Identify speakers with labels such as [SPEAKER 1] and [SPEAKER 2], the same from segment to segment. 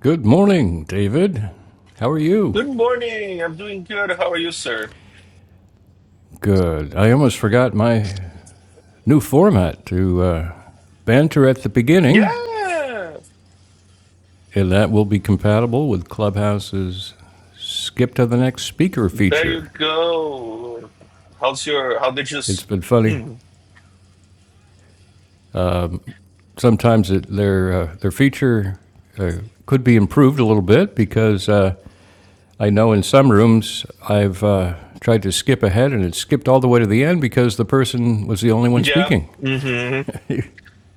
[SPEAKER 1] Good morning, David. How are you?
[SPEAKER 2] Good morning. I'm doing good. How are you, sir?
[SPEAKER 1] Good. I almost forgot my new format to uh, banter at the beginning,
[SPEAKER 2] Yeah.
[SPEAKER 1] and that will be compatible with Clubhouse's skip to the next speaker
[SPEAKER 2] There you
[SPEAKER 1] feature.
[SPEAKER 2] go. How's your? How did you?
[SPEAKER 1] It's
[SPEAKER 2] S-
[SPEAKER 1] been funny.
[SPEAKER 2] mm.
[SPEAKER 1] Sometimes it, their uh, their feature uh, could be improved a little bit because uh, I know in some rooms I've uh, tried to skip ahead and it skipped all the way to the end because the person was the only one
[SPEAKER 2] Yeah.
[SPEAKER 1] speaking.
[SPEAKER 2] hmm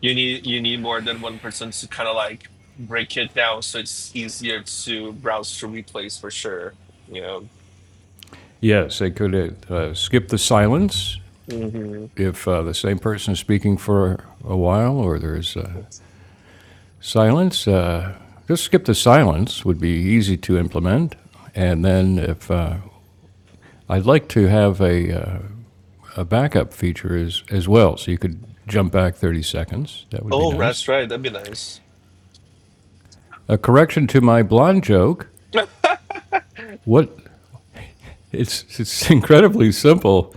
[SPEAKER 2] You need you need more than one person to kind of like break it down, so it's easier to browse through replays for sure. You know.
[SPEAKER 1] Yes, they could uh, skip the silence
[SPEAKER 2] hmm
[SPEAKER 1] if uh, the same person is speaking for a while or there's uh, silence. Uh, just skip the silence would be easy to implement. And then if uh, I'd like to have a, uh, a backup feature as, as well, so you could jump back 30 seconds. That would be
[SPEAKER 2] Oh,
[SPEAKER 1] nice.
[SPEAKER 2] that's right. That'd be nice.
[SPEAKER 1] A correction to my blonde joke. What? It's, it's incredibly simple.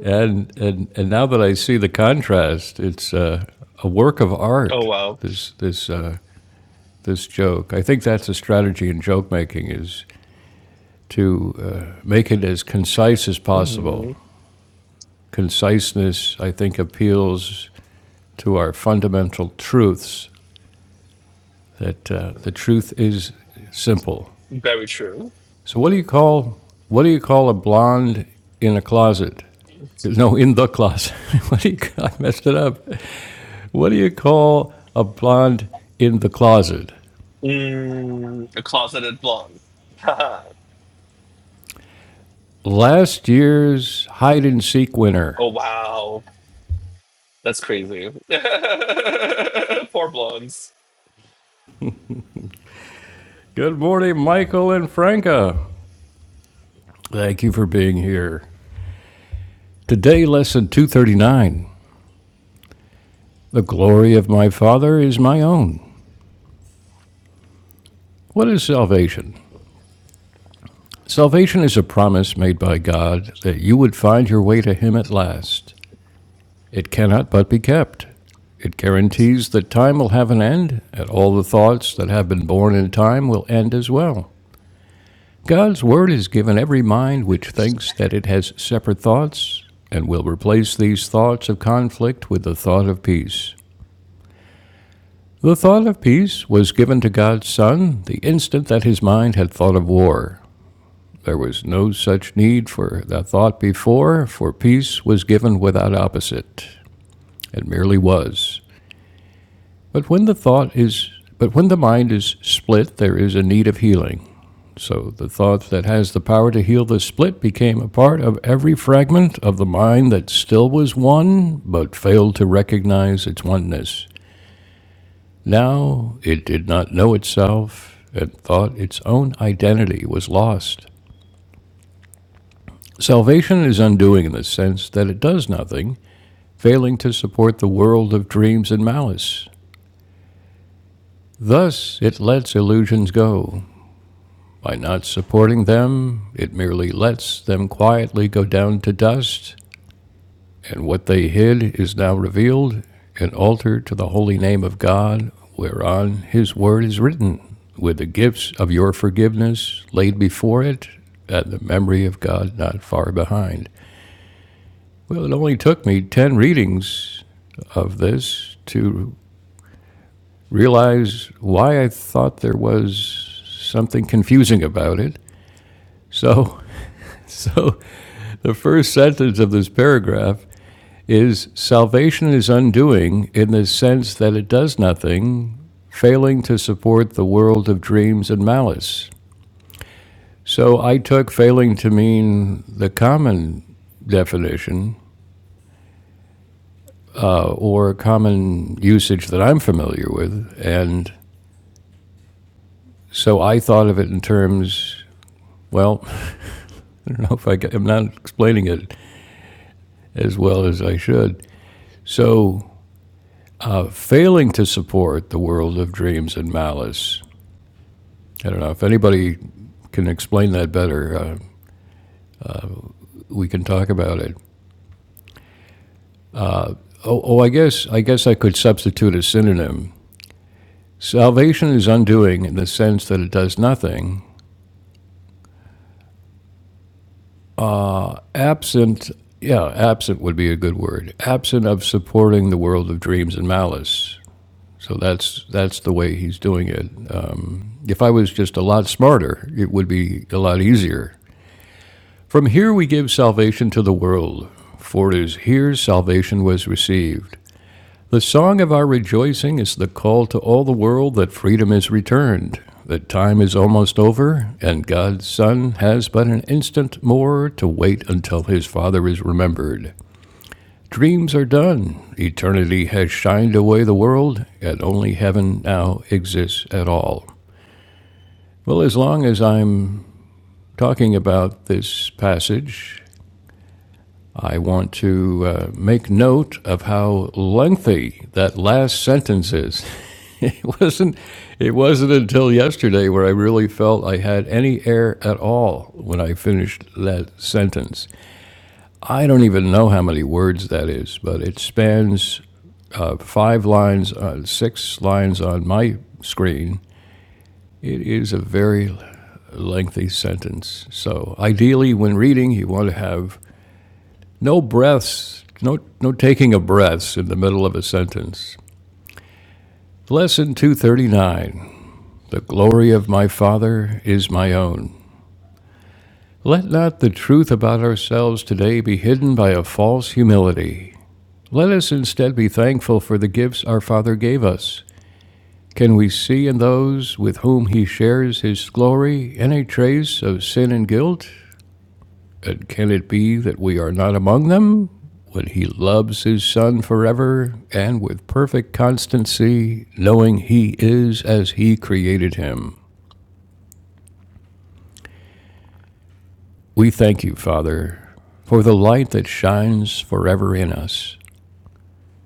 [SPEAKER 1] And, and, and now that I see the contrast, it's uh, a work of
[SPEAKER 2] Oh
[SPEAKER 1] art,
[SPEAKER 2] wow.
[SPEAKER 1] this, this, uh, this joke. I think that's a strategy in joke making is to uh, make it as concise as possible.
[SPEAKER 2] hmm
[SPEAKER 1] Conciseness, I think, appeals to our fundamental truths that uh, the truth is simple.
[SPEAKER 2] Very true.
[SPEAKER 1] So what do you call what do you call a blonde in a closet? No, in the closet. what do you, I messed it up. what do you call a blonde in the closet?
[SPEAKER 2] Mm, a closeted blonde.
[SPEAKER 1] Last year's hide and seek winner.
[SPEAKER 2] oh wow. That's crazy. Poor blondes.
[SPEAKER 1] Good morning, Michael and Franca. Thank you for being here. Today, lesson 239 The glory of my Father is my own. What is salvation? Salvation is a promise made by God that you would find your way to Him at last. It cannot but be kept. It guarantees that time will have an end, and all the thoughts that have been born in time will end as well. God's word is given every mind which thinks that it has separate thoughts, and will replace these thoughts of conflict with the thought of peace. The thought of peace was given to God's Son the instant that his mind had thought of war. There was no such need for the thought before, for peace was given without opposite. It merely was. But when the thought is but when the mind is split, there is a need of healing. So the thought that has the power to heal the split became a part of every fragment of the mind that still was one, but failed to recognize its oneness. Now it did not know itself and thought its own identity was lost. Salvation is undoing in the sense that it does nothing, failing to support the world of dreams and malice. Thus, it lets illusions go. By not supporting them, it merely lets them quietly go down to dust And what they hid is now revealed, an altar to the holy name of God, whereon his word is written, with the gifts of your forgiveness laid before it, and the memory of God not far behind. Well, it only took me 10 readings of this to realize why I thought there was something confusing about it. So, so the first sentence of this paragraph is salvation is undoing in the sense that it does nothing, failing to support the world of dreams and malice. So I took failing to mean the common definition uh, or common usage that I'm familiar with. And so I thought of it in terms, well, I don't know if I am not explaining it as well as I should. So failing to support the world of dreams and malice I don't know if anybody can explain that better. Uh, we can talk about it. Oh, oh, I guess I guess I could substitute a synonym. Salvation is undoing in the sense that it does nothing. Absent, yeah, absent would be a good word. Absent of supporting the world of dreams and malice. So that's that's the way he's doing it. Um, if I was just a lot smarter, it would be a lot easier. From here we give salvation to the world, for it is here salvation was received. The song of our rejoicing is the call to all the world that freedom is returned, that time is almost over, and God's Son has but an instant more to wait until his Father is remembered. Dreams are done, eternity has shined away the world, and only heaven now exists at all. Well, as long as I'm talking about this passage, I want to uh, make note of how lengthy that last sentence is. it wasn't. It wasn't until yesterday where I really felt I had any air at all when I finished that sentence. I don't even know how many words that is, but it spans uh, five lines, uh, six lines on my screen. It is a very lengthy sentence. So, ideally, when reading, you want to have no breaths, no, no taking of breaths in the middle of a sentence. Lesson 239 The glory of my Father is my own. Let not the truth about ourselves today be hidden by a false humility. Let us instead be thankful for the gifts our Father gave us. Can we see in those with whom He shares His glory any trace of sin and guilt? And can it be that we are not among them? When he loves his Son forever and with perfect constancy, knowing he is as he created him. We thank you, Father, for the light that shines forever in us,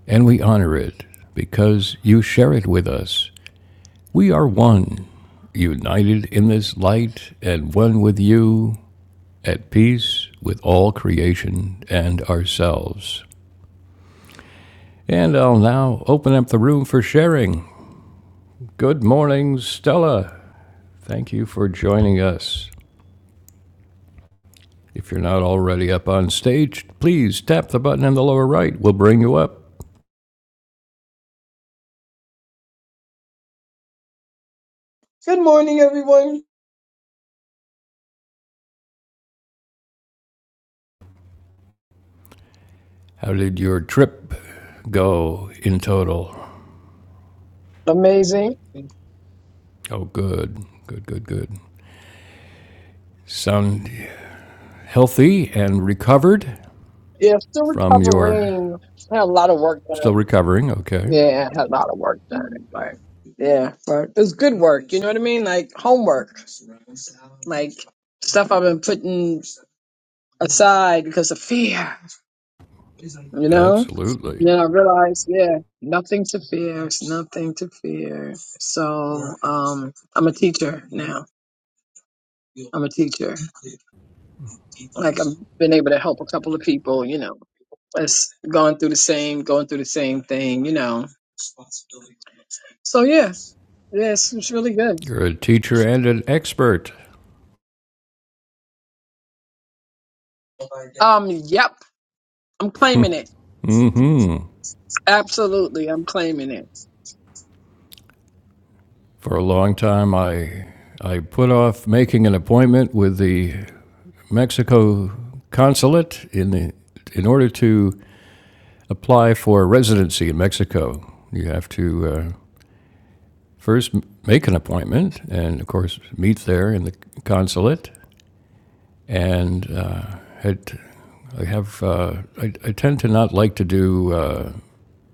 [SPEAKER 1] and we honor it because you share it with us. We are one, united in this light and one with you, at peace with all creation and ourselves. And I'll now open up the room for sharing. Good morning, Stella. Thank you for joining us. If you're not already up on stage, please tap the button in the lower right. We'll bring you up.
[SPEAKER 3] Good morning, everyone.
[SPEAKER 1] How did your trip go in total?
[SPEAKER 3] Amazing.
[SPEAKER 1] Oh, good. Good, good, good. Sound healthy and recovered
[SPEAKER 3] Yeah, still
[SPEAKER 1] from your.
[SPEAKER 3] recovering. Had a lot of work
[SPEAKER 1] Still
[SPEAKER 3] done.
[SPEAKER 1] recovering, okay.
[SPEAKER 3] Yeah, had a lot of work done. But yeah, but it was good work. You know what I mean? Like homework, like stuff I've been putting aside because of fear. You know? And
[SPEAKER 1] Absolutely.
[SPEAKER 3] then I realized, yeah, nothing to fear. It's nothing to fear. So, um, I'm a teacher now. I'm a teacher. Like I've been able to help a couple of people. You know. It's going through the same, going through the same thing, you know. So yeah, yeah, it's, it's really good.
[SPEAKER 1] You're a teacher and an expert.
[SPEAKER 3] Um, yep, I'm claiming it.
[SPEAKER 1] Mm-hmm.
[SPEAKER 3] Absolutely, I'm claiming it.
[SPEAKER 1] For a long time, I, I put off making an appointment with the Mexico consulate in, the, in order to apply for residency in Mexico. You have to uh, first make an appointment and, of course, meet there in the consulate. And uh, had, I, have, uh, I, I tend to not like to do uh,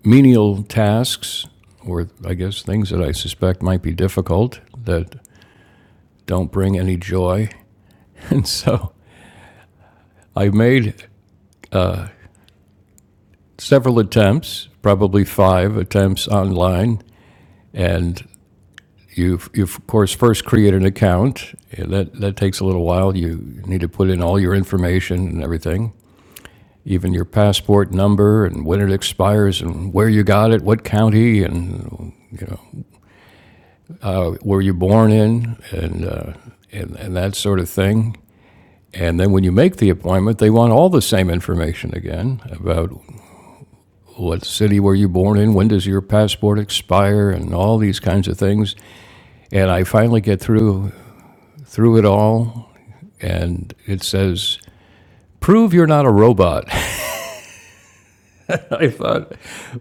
[SPEAKER 1] menial tasks or, I guess, things that I suspect might be difficult that don't bring any joy And so I made several attempts, probably five attempts online, and you, you of course first create an account. Yeah, That that takes a little while. You need to put in all your information and everything, even your passport number and when it expires and where you got it, what county and were you born in, and uh, and, and that sort of thing. And then when you make the appointment, they want all the same information again about what city were you born in? When does your passport expire? And all these kinds of things. And I finally get through through it all, and it says, "Prove you're not a robot." I thought,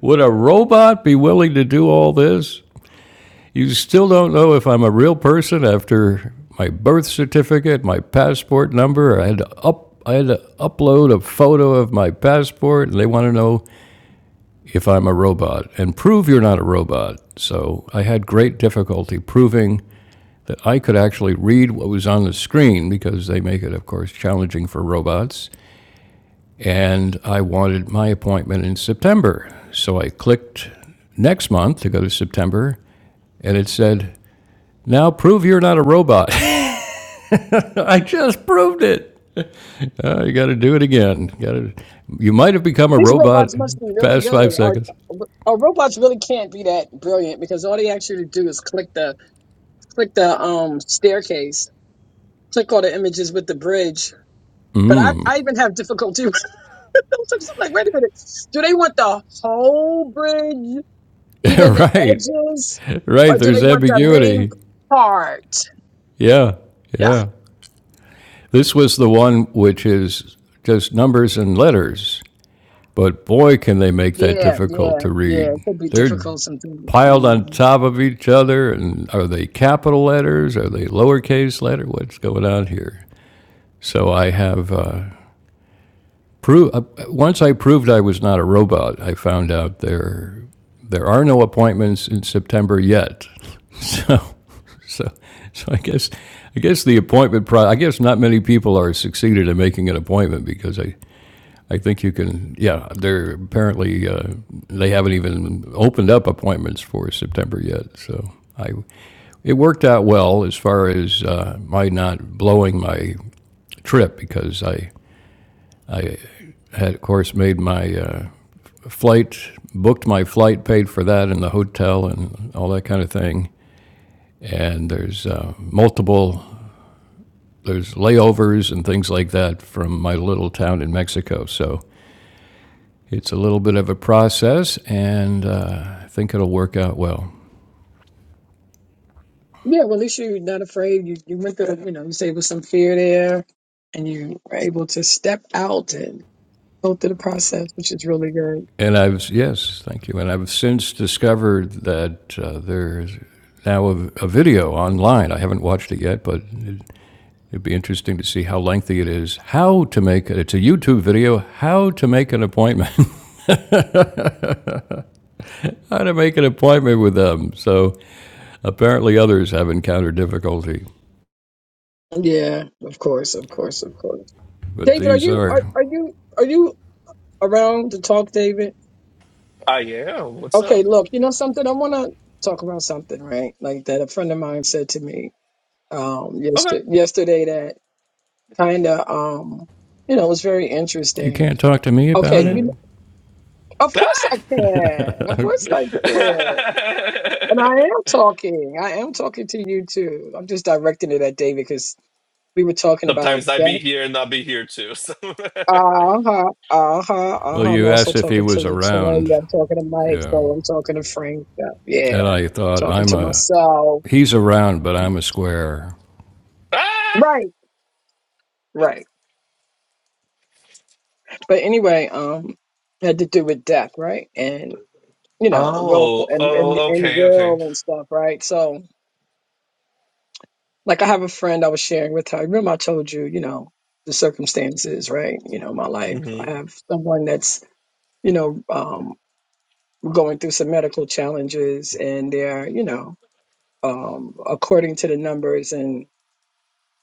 [SPEAKER 1] would a robot be willing to do all this? You still don't know if I'm a real person after my birth certificate, my passport number. I had to up I had to upload a photo of my passport, and they want to know if I'm a robot and prove you're not a robot. So I had great difficulty proving that I could actually read what was on the screen because they make it, of course, challenging for robots. And I wanted my appointment in September. So I clicked next month to go to September and it said, now prove you're not a robot. I just proved it. Uh, you got to do it again. Got to. You might have become a
[SPEAKER 3] These
[SPEAKER 1] robot
[SPEAKER 3] robots must be really
[SPEAKER 1] past
[SPEAKER 3] good.
[SPEAKER 1] five
[SPEAKER 3] Our,
[SPEAKER 1] seconds.
[SPEAKER 3] our robots really can't be that brilliant because all they ask you to do is click the click the um staircase, click all the images with the bridge. But I, I even have difficulty. with those. I'm like, wait a minute, do they want the whole bridge? Even the
[SPEAKER 1] right,
[SPEAKER 3] edges, or
[SPEAKER 1] right.
[SPEAKER 3] do
[SPEAKER 1] There's
[SPEAKER 3] they want the main
[SPEAKER 1] ambiguity.
[SPEAKER 3] part?
[SPEAKER 1] Yeah,
[SPEAKER 3] Yeah,
[SPEAKER 1] yeah. This was the one which is just numbers and letters, but boy, can they make that
[SPEAKER 3] yeah,
[SPEAKER 1] difficult
[SPEAKER 3] yeah,
[SPEAKER 1] to
[SPEAKER 3] yeah.
[SPEAKER 1] read.
[SPEAKER 3] It could be
[SPEAKER 1] They're
[SPEAKER 3] difficult sometimes.
[SPEAKER 1] piled on
[SPEAKER 3] Um,
[SPEAKER 1] top of each other, and are they capital letters? Are they lowercase letter? What's going on here? So I have uh, prove uh, once I proved I was not a robot. I found out there there are no appointments in September yet. So So, so I guess, I guess the appointment pro, I guess not many people are succeeded in making an appointment because I, I think you can, yeah, they're apparently, uh, they haven't even opened up appointments for September yet. So I, it worked out well as far as, uh, my not blowing my trip because I, I had, of course, made my, uh, flight, booked my flight, paid for that and the hotel and all that kind of thing. And there's uh, multiple there's layovers and things like that from my little town in Mexico. So it's a little bit of a process, and uh, I think it'll work out well.
[SPEAKER 3] yeah, well, at least you're not afraid. You you went through, you know, you say with some fear there, and you were able to step out and go through the process, which is really good.
[SPEAKER 1] And I've yes, thank you. And I've since discovered that uh, there's now a, a video online. I haven't watched it yet, but it, it'd be interesting to see how lengthy it is. How to make it's a YouTube video. How to make an appointment. how to make an appointment with them. So apparently others have encountered difficulty,
[SPEAKER 3] Yeah, of course, of course, of course.
[SPEAKER 1] but
[SPEAKER 3] David, are
[SPEAKER 1] these
[SPEAKER 3] you are
[SPEAKER 1] are
[SPEAKER 3] are you are you around to talk, David?
[SPEAKER 2] I am. What's up?
[SPEAKER 3] Okay, look, you know something. I want to talk about something, right? Like that a friend of mine said to me um
[SPEAKER 2] Okay.
[SPEAKER 3] yesterday, yesterday that kind of um you know was very
[SPEAKER 1] You
[SPEAKER 3] interesting.
[SPEAKER 1] can't talk to me
[SPEAKER 3] Okay,
[SPEAKER 1] about it?
[SPEAKER 3] you
[SPEAKER 2] Mm.
[SPEAKER 3] of course
[SPEAKER 2] Ah!
[SPEAKER 3] I can. Of course I can. And I am talking. I am talking to you too. I'm just directing it at David because we were talking about
[SPEAKER 2] Sometimes I be
[SPEAKER 3] that.
[SPEAKER 2] here and I'll be here too. So.
[SPEAKER 3] Uh-huh. Uh-huh.
[SPEAKER 1] well,
[SPEAKER 3] Uh-huh. I'm
[SPEAKER 1] you
[SPEAKER 3] also
[SPEAKER 1] asked if he
[SPEAKER 3] talking to
[SPEAKER 1] was around.
[SPEAKER 3] Latoya. I'm talking to Mike.
[SPEAKER 1] Yeah.
[SPEAKER 3] So I'm talking to Frank. uh, Yeah.
[SPEAKER 1] And I thought,
[SPEAKER 3] Talking
[SPEAKER 1] I'm
[SPEAKER 3] to
[SPEAKER 1] a,
[SPEAKER 3] myself.
[SPEAKER 1] he's around, but I'm a square.
[SPEAKER 2] ah!
[SPEAKER 3] Right. Right. But anyway, um, had to do with death, right? And you know, role
[SPEAKER 2] Oh,
[SPEAKER 3] and, and
[SPEAKER 2] oh,
[SPEAKER 3] and
[SPEAKER 2] okay, okay.
[SPEAKER 3] will and stuff, right? So, like, I have a friend I was sharing with her. Remember, I told you, you know, the circumstances, right? You know, my life. I
[SPEAKER 2] Mm-hmm.
[SPEAKER 3] have someone that's, you know, um, going through some medical challenges, and they're, you know, um, according to the numbers and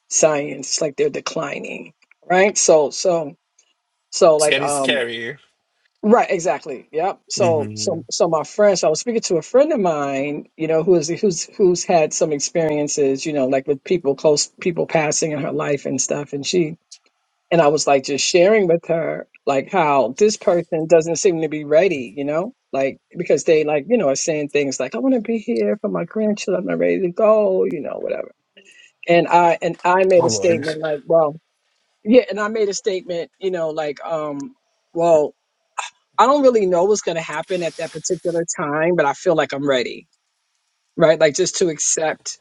[SPEAKER 3] science, like they're declining, right? So, so, so,
[SPEAKER 2] It's
[SPEAKER 3] like,
[SPEAKER 2] getting
[SPEAKER 3] um,
[SPEAKER 2] scary.
[SPEAKER 3] Right, exactly. Yep. So,
[SPEAKER 2] Mm-hmm.
[SPEAKER 3] so, so my friend, so I was speaking to a friend of mine, you know, who is who's who's had some experiences, you know, like with people close, people passing in her life and stuff. And she and I was like just sharing with her like how this person doesn't seem to be ready, you know, like because they like you know are saying things like I want to be here for my grandchildren, I'm not ready to go, you know, whatever. And I and I made
[SPEAKER 2] Oh
[SPEAKER 3] a
[SPEAKER 2] Lord.
[SPEAKER 3] statement like, well, yeah, and I made a statement, you know, like um. Well, I don't really know what's going to happen at that particular time, but I feel like I'm ready, right? Like just to accept,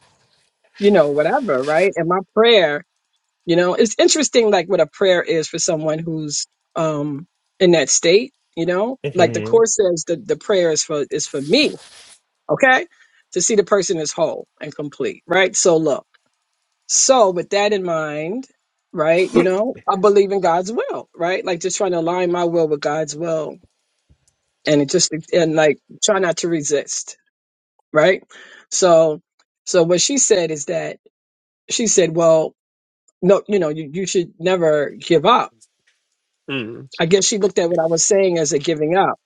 [SPEAKER 3] you know, whatever, right? And my prayer, you know, it's interesting, like what a prayer is for someone who's um in that state, you know, like the
[SPEAKER 2] Mm-hmm.
[SPEAKER 3] course says the the prayer is for is for me, okay, to see the person is whole and complete, right? So look, so with that in mind. Right, you know, I believe in God's will, right? Like just trying to align my will with God's will and it just and like try not to resist right so so what she said is that she said well no you know you, you should never give up
[SPEAKER 2] Mm.
[SPEAKER 3] i guess she looked at what i was saying as a giving up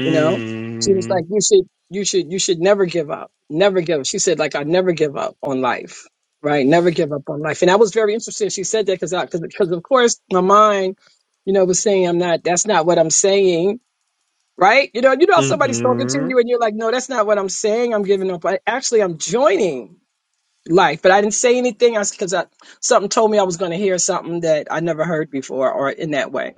[SPEAKER 3] you know she was like you should you should you should never give up never give up she said like i never give up on life right never give up on life and that was very interesting she said that because because of course my mind you know was saying i'm not that's not what i'm saying right? You know, you know, somebody's talking to
[SPEAKER 2] Mm-hmm.
[SPEAKER 3] you and you're like, no, that's not what I'm saying. I'm giving up. I, actually, I'm joining life, but I didn't say anything because I, something told me I was going to hear something that I never heard before or in that way.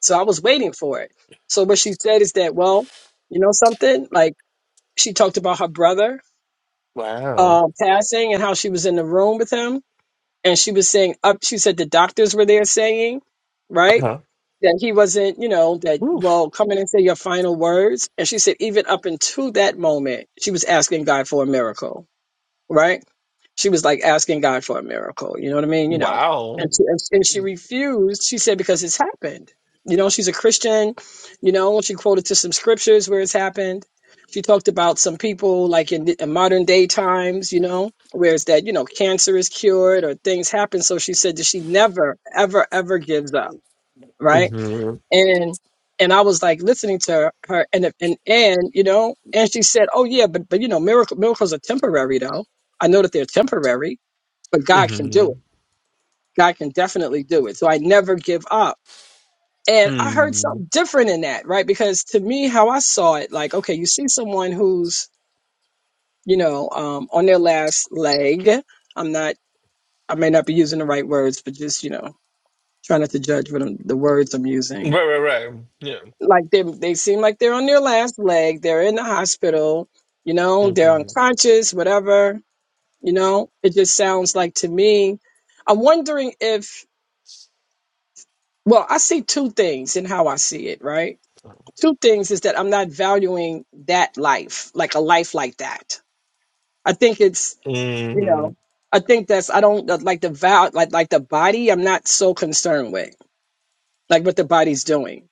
[SPEAKER 3] So I was waiting for it. So what she said is that, well, you know something? Like she talked about her brother
[SPEAKER 2] Wow.
[SPEAKER 3] um, passing and how she was in the room with him. And she was saying up, she said the doctors were there saying, right?
[SPEAKER 2] Uh-huh.
[SPEAKER 3] that he wasn't, you know, that,
[SPEAKER 2] Oof.
[SPEAKER 3] well, come in and say your final words. And she said, even up until that moment, she was asking God for a miracle, right? She was like asking God for a miracle. You know what I mean? You know,
[SPEAKER 2] Wow.
[SPEAKER 3] and she, and and she refused. She said, because it's happened. You know, she's a Christian. You know, she quoted to some scriptures where it's happened. She talked about some people like in, in modern day times, you know, where it's that, you know, cancer is cured or things happen. So she said that she never, ever, ever gives up, right?
[SPEAKER 2] Mm-hmm.
[SPEAKER 3] and and I was like listening to her, and and and you know, and she said, "Oh yeah, but but you know, miracle miracles are temporary, though. I know that they're temporary, but God can do it. God can definitely do it. So I never give up." And I heard
[SPEAKER 2] Mm-hmm.
[SPEAKER 3] something different in that, right? Because to me, how I saw it, like, okay, you see someone who's you know um, on their last leg. I'm not, I may not be using the right words, but just you know, try not to judge what I'm, the words I'm
[SPEAKER 2] Right,
[SPEAKER 3] using
[SPEAKER 2] right, right. Yeah.
[SPEAKER 3] like they they seem like they're on their last leg. They're in the hospital, you know, they're
[SPEAKER 2] hmm
[SPEAKER 3] unconscious, whatever, you know. It just sounds like to me, I'm wondering if well, I see two things in how I see it, right? Two things is that I'm not valuing that life, like a life like that. I think it's, you
[SPEAKER 2] hmm
[SPEAKER 3] know, I think that's I don't like the val like like the body I'm not so concerned with, like what the body's doing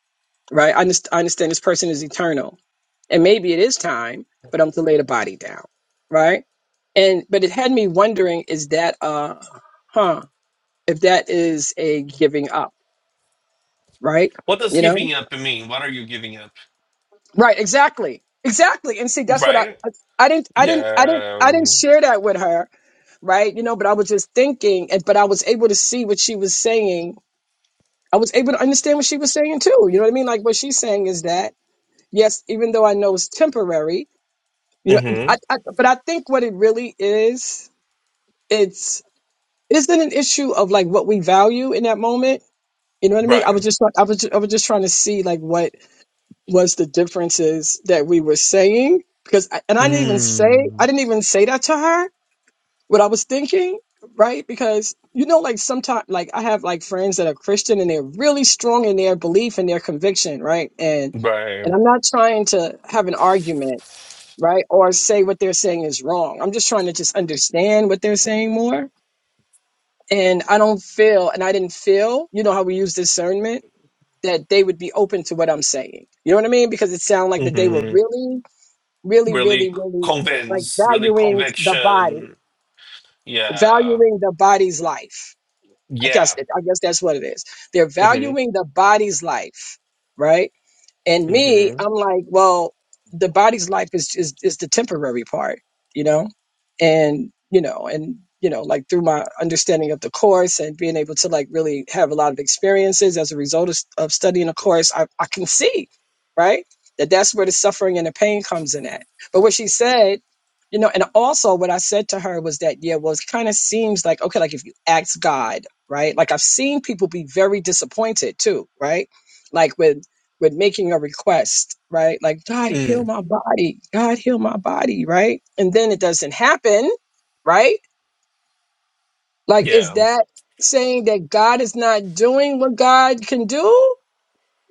[SPEAKER 3] right? I, underst- I understand this person is eternal, and maybe it is time for them to lay the body down, right? And but it had me wondering: is that uh, huh? If that is a giving up, right?
[SPEAKER 2] What does
[SPEAKER 3] You know,
[SPEAKER 2] giving up mean? What are you giving up?
[SPEAKER 3] right? Exactly, exactly. And see, that's what I,
[SPEAKER 2] Right?
[SPEAKER 3] I, I didn't, I didn't, I didn't, I didn't
[SPEAKER 2] Yeah.
[SPEAKER 3] share that with her, right? You know, but I was just thinking, and but I was able to see what she was saying. I was able to understand what she was saying too. You know what I mean? Like what she's saying is that yes, even though I know it's temporary, You know,
[SPEAKER 2] Mm-hmm.
[SPEAKER 3] I, I, but I think what it really is, it's isn't an issue of like what we value in that moment. You know what I mean? I was
[SPEAKER 2] Right.
[SPEAKER 3] just I was I was just trying to see like what was the differences that we were saying because I, and I didn't even say I
[SPEAKER 2] Mm.
[SPEAKER 3] didn't even say that to her what I was thinking right because you know like sometimes like I have like friends that are Christian and they're really strong in their belief and their conviction right and and
[SPEAKER 2] Right.
[SPEAKER 3] I'm not trying to have an argument right? Or say what they're saying is wrong. I'm just trying to just understand what they're saying more. And I don't feel, and I didn't feel, you know how we use discernment, that they would be open to what I'm saying. You know what I mean? Because it sounded like that they were
[SPEAKER 2] hmm
[SPEAKER 3] really, really,
[SPEAKER 2] Really
[SPEAKER 3] really, really like
[SPEAKER 2] convince, really
[SPEAKER 3] valuing the body,
[SPEAKER 2] conviction. Yeah.
[SPEAKER 3] valuing the body's life. I guess,
[SPEAKER 2] Yeah.
[SPEAKER 3] I guess that's what it is. They're
[SPEAKER 2] hmm
[SPEAKER 3] valuing the body's life, right? And me,
[SPEAKER 2] hmm
[SPEAKER 3] I'm like, well, the body's life is is is the temporary part, you know, and you know, and you know, like through my understanding of the course and being able to like really have a lot of experiences as a result of, of studying the course, I, I can see, right, that that's where the suffering and the pain comes in at. But what she said, you know, and also what I said to her was that, yeah, well, it kind of seems like okay, like if you ask God, right, like I've seen people be very disappointed too, right, like with with making a request, right? Like, God, heal
[SPEAKER 2] Mm.
[SPEAKER 3] my body. God, heal my body, right? And then it doesn't happen, right? Like, is
[SPEAKER 2] Yeah.
[SPEAKER 3] that saying that God is not doing what God can do?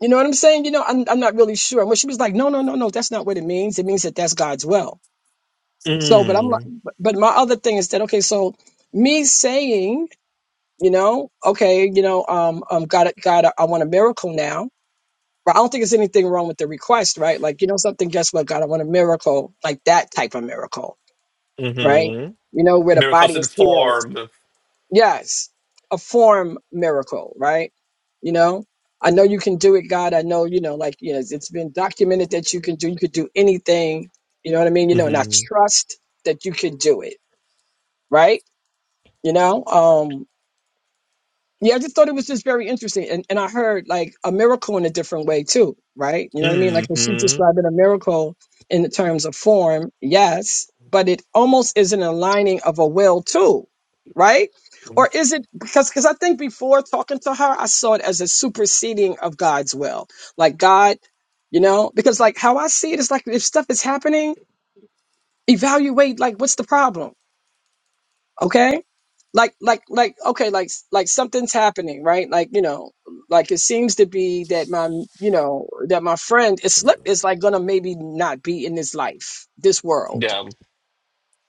[SPEAKER 3] You know what I'm saying? You know, I'm, I'm not really sure. And when she was like, no, no, no, no, that's not what it means. It means that that's God's will. So, but I'm like,
[SPEAKER 2] Mm.
[SPEAKER 3] but but my other thing is that, okay, so me saying, you know, okay, you know, um, um, God, God, I I want a miracle now But I don't think there's anything wrong with the request, right? Like, you know, something, guess what, God, I want a miracle, like that type of miracle, right?
[SPEAKER 2] hmm
[SPEAKER 3] You know, where the
[SPEAKER 2] Miracles
[SPEAKER 3] body
[SPEAKER 2] in
[SPEAKER 3] is healed.
[SPEAKER 2] form.
[SPEAKER 3] Yes, a form miracle, right? You know, I know you can do it, God. I know, you know, like, you know, it's been documented that you can do, you could do anything. You know what I mean? You know, and I
[SPEAKER 2] hmm
[SPEAKER 3] trust that you can do it, right? You know, Um, yeah, I just thought it was just very interesting. And and I heard like a miracle in a different way too, right? You know what I mean? Like when she's
[SPEAKER 2] hmm
[SPEAKER 3] describing a miracle in the terms of form, yes, but it almost is an aligning of a will too, right? Or is it because because I think before talking to her, I saw it as a superseding of God's will. Like God, you know, because like how I see it is like if stuff is happening, evaluate like what's the problem? okay like like like okay like like something's happening right like you know like it seems to be that my you know that my friend is slip is like gonna maybe not be in this life this world
[SPEAKER 2] Yeah.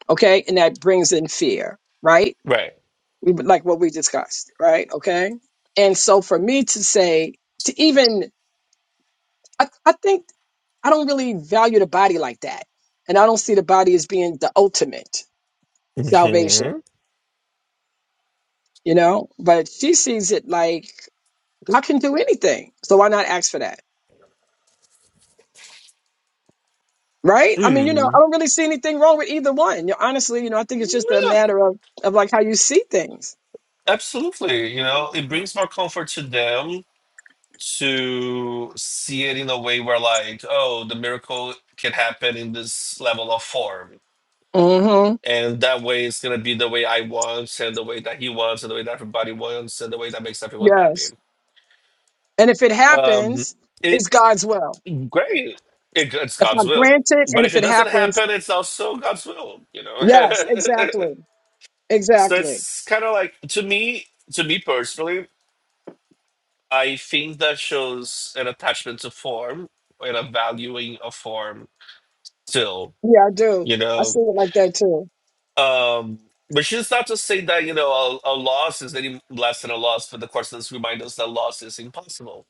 [SPEAKER 3] okay and that brings in fear right
[SPEAKER 2] Right.
[SPEAKER 3] we like what we discussed right okay and so for me to say to even I, I think i don't really value the body like that and i don't see the body as being the ultimate salvation
[SPEAKER 2] hmm
[SPEAKER 3] you know but she sees it like God can do anything. So why not ask for that? Right? I mean, you know,
[SPEAKER 2] Mm.
[SPEAKER 3] I don't really see anything wrong with either one. You know, honestly, you know, I think it's just a
[SPEAKER 2] Yeah,
[SPEAKER 3] matter of, of like how you see things.
[SPEAKER 2] absolutely. You know, it brings more comfort to them to see it in a way where, like, oh, the miracle can happen in this level of form.
[SPEAKER 3] hmm
[SPEAKER 2] And that way, it's going to be the way I want, and the way that he wants, and the way that everybody wants, and the way that makes everyone happy.
[SPEAKER 3] Yes. And if it
[SPEAKER 2] Um,
[SPEAKER 3] happens,
[SPEAKER 2] it
[SPEAKER 3] it's God's will.
[SPEAKER 2] great. It, it's
[SPEAKER 3] If
[SPEAKER 2] God's
[SPEAKER 3] I'm
[SPEAKER 2] will.
[SPEAKER 3] granted
[SPEAKER 2] But
[SPEAKER 3] and
[SPEAKER 2] if
[SPEAKER 3] if
[SPEAKER 2] it
[SPEAKER 3] it
[SPEAKER 2] doesn't
[SPEAKER 3] happens,
[SPEAKER 2] happen, it's also God's will, you know.
[SPEAKER 3] yes, exactly.
[SPEAKER 2] so
[SPEAKER 3] Exactly.
[SPEAKER 2] it's kind of like to me, to me personally. I think that shows an attachment to form and a valuing of form still,
[SPEAKER 3] Yeah, I do.
[SPEAKER 2] you
[SPEAKER 3] I see
[SPEAKER 2] know.
[SPEAKER 3] it like that too.
[SPEAKER 2] Um, which is not to say that, you know, a, a loss is any less than a loss, but the courses remind us that loss is impossible,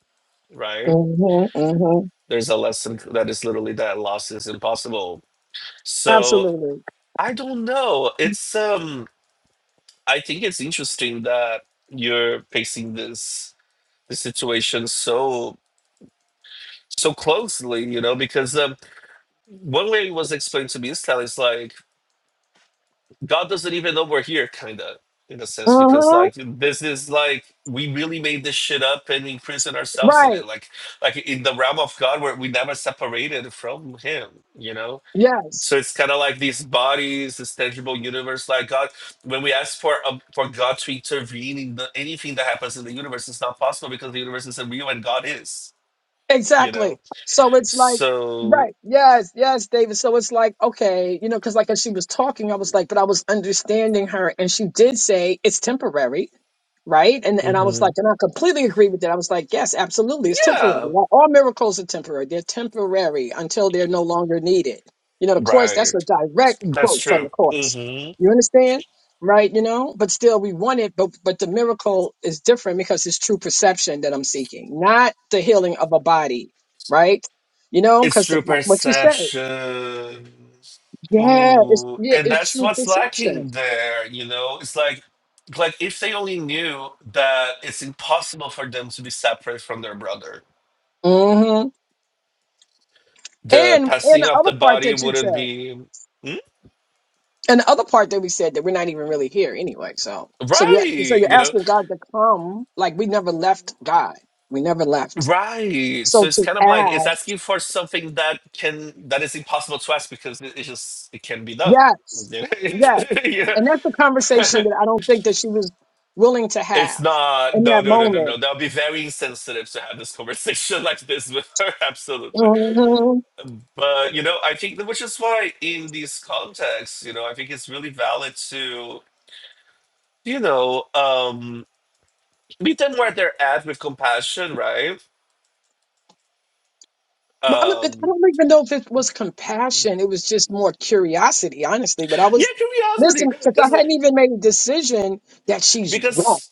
[SPEAKER 2] right?
[SPEAKER 3] hmm hmm
[SPEAKER 2] There's a lesson that is literally that loss is impossible. So
[SPEAKER 3] Absolutely.
[SPEAKER 2] I don't know. It's um I think it's interesting that you're facing this this situation so so closely, you know, because um One way it was explained to me is that it's like God doesn't even know we're here, kind of, in a sense, because
[SPEAKER 3] hmm
[SPEAKER 2] like this is like we really made this shit up and imprisoned ourselves in it.
[SPEAKER 3] Right.
[SPEAKER 2] Like, like in the realm of God, where we never separated from Him, you know.
[SPEAKER 3] Yes.
[SPEAKER 2] So it's kind of like these bodies, this tangible universe. Like God, when we ask for um, for God to intervene in the, anything that happens in the universe, it's not possible because the universe isn't real and God is, you know.
[SPEAKER 3] Exactly. So it's like,
[SPEAKER 2] So,
[SPEAKER 3] right. Yes, yes, David. So it's like, okay, you know, because like as she was talking, I was like, but I was understanding her. And she did say it's temporary right? And and I was like,
[SPEAKER 2] mhm.
[SPEAKER 3] and I completely agree with that. I was like, yes, absolutely, it's temporary.
[SPEAKER 2] yeah,
[SPEAKER 3] All all miracles are temporary. They're temporary until they're no longer needed. You know, the course.
[SPEAKER 2] right.
[SPEAKER 3] That's a direct
[SPEAKER 2] That's
[SPEAKER 3] quote from
[SPEAKER 2] true.
[SPEAKER 3] the course.
[SPEAKER 2] hmm
[SPEAKER 3] You understand, right? You know, but still, we want it. But but the miracle is different because it's true perception that I'm seeking, not the healing of a body, right? You know,
[SPEAKER 2] It's
[SPEAKER 3] because
[SPEAKER 2] true
[SPEAKER 3] like what you said,
[SPEAKER 2] perception.
[SPEAKER 3] yeah, it's
[SPEAKER 2] Ooh,
[SPEAKER 3] yeah,
[SPEAKER 2] and
[SPEAKER 3] it's
[SPEAKER 2] that's
[SPEAKER 3] true
[SPEAKER 2] what's
[SPEAKER 3] perception.
[SPEAKER 2] lacking there, you know? It's like like if they only knew that it's impossible for them to be separate from their brother,
[SPEAKER 3] hmm
[SPEAKER 2] the
[SPEAKER 3] And and
[SPEAKER 2] passing
[SPEAKER 3] the
[SPEAKER 2] of the
[SPEAKER 3] other part
[SPEAKER 2] body
[SPEAKER 3] that you
[SPEAKER 2] wouldn't
[SPEAKER 3] said.
[SPEAKER 2] be Hmm?
[SPEAKER 3] And the other part that we said that we're not even really here anyway. So, so you so
[SPEAKER 2] right,
[SPEAKER 3] you're
[SPEAKER 2] you know?
[SPEAKER 3] asking God to come. Like we never left God. We never left.
[SPEAKER 2] Right. So
[SPEAKER 3] So
[SPEAKER 2] it's
[SPEAKER 3] to
[SPEAKER 2] kind of like it's
[SPEAKER 3] ask,
[SPEAKER 2] asking for something that can that is impossible to ask because it, it just it can be done.
[SPEAKER 3] yes, yes,
[SPEAKER 2] yeah.
[SPEAKER 3] and that's the conversation that I don't think that she was willing to
[SPEAKER 2] It's
[SPEAKER 3] have
[SPEAKER 2] not.
[SPEAKER 3] in
[SPEAKER 2] No,
[SPEAKER 3] that
[SPEAKER 2] no, no, no,
[SPEAKER 3] moment.
[SPEAKER 2] no. That would be very insensitive to have this conversation like this with her. Absolutely.
[SPEAKER 3] Mhm.
[SPEAKER 2] But, you know, I think, that- which is why in these contexts, you know, I think it's really valid to, you know, um, meet them where they're at with compassion, right?
[SPEAKER 3] Well, I don't, I
[SPEAKER 2] Um,
[SPEAKER 3] don't even know if it was compassion. It was just more curiosity, honestly. But I
[SPEAKER 2] yeah,
[SPEAKER 3] was
[SPEAKER 2] curiosity.
[SPEAKER 3] listen because I
[SPEAKER 2] Because,
[SPEAKER 3] hadn't even made a decision that she's wrong.
[SPEAKER 2] because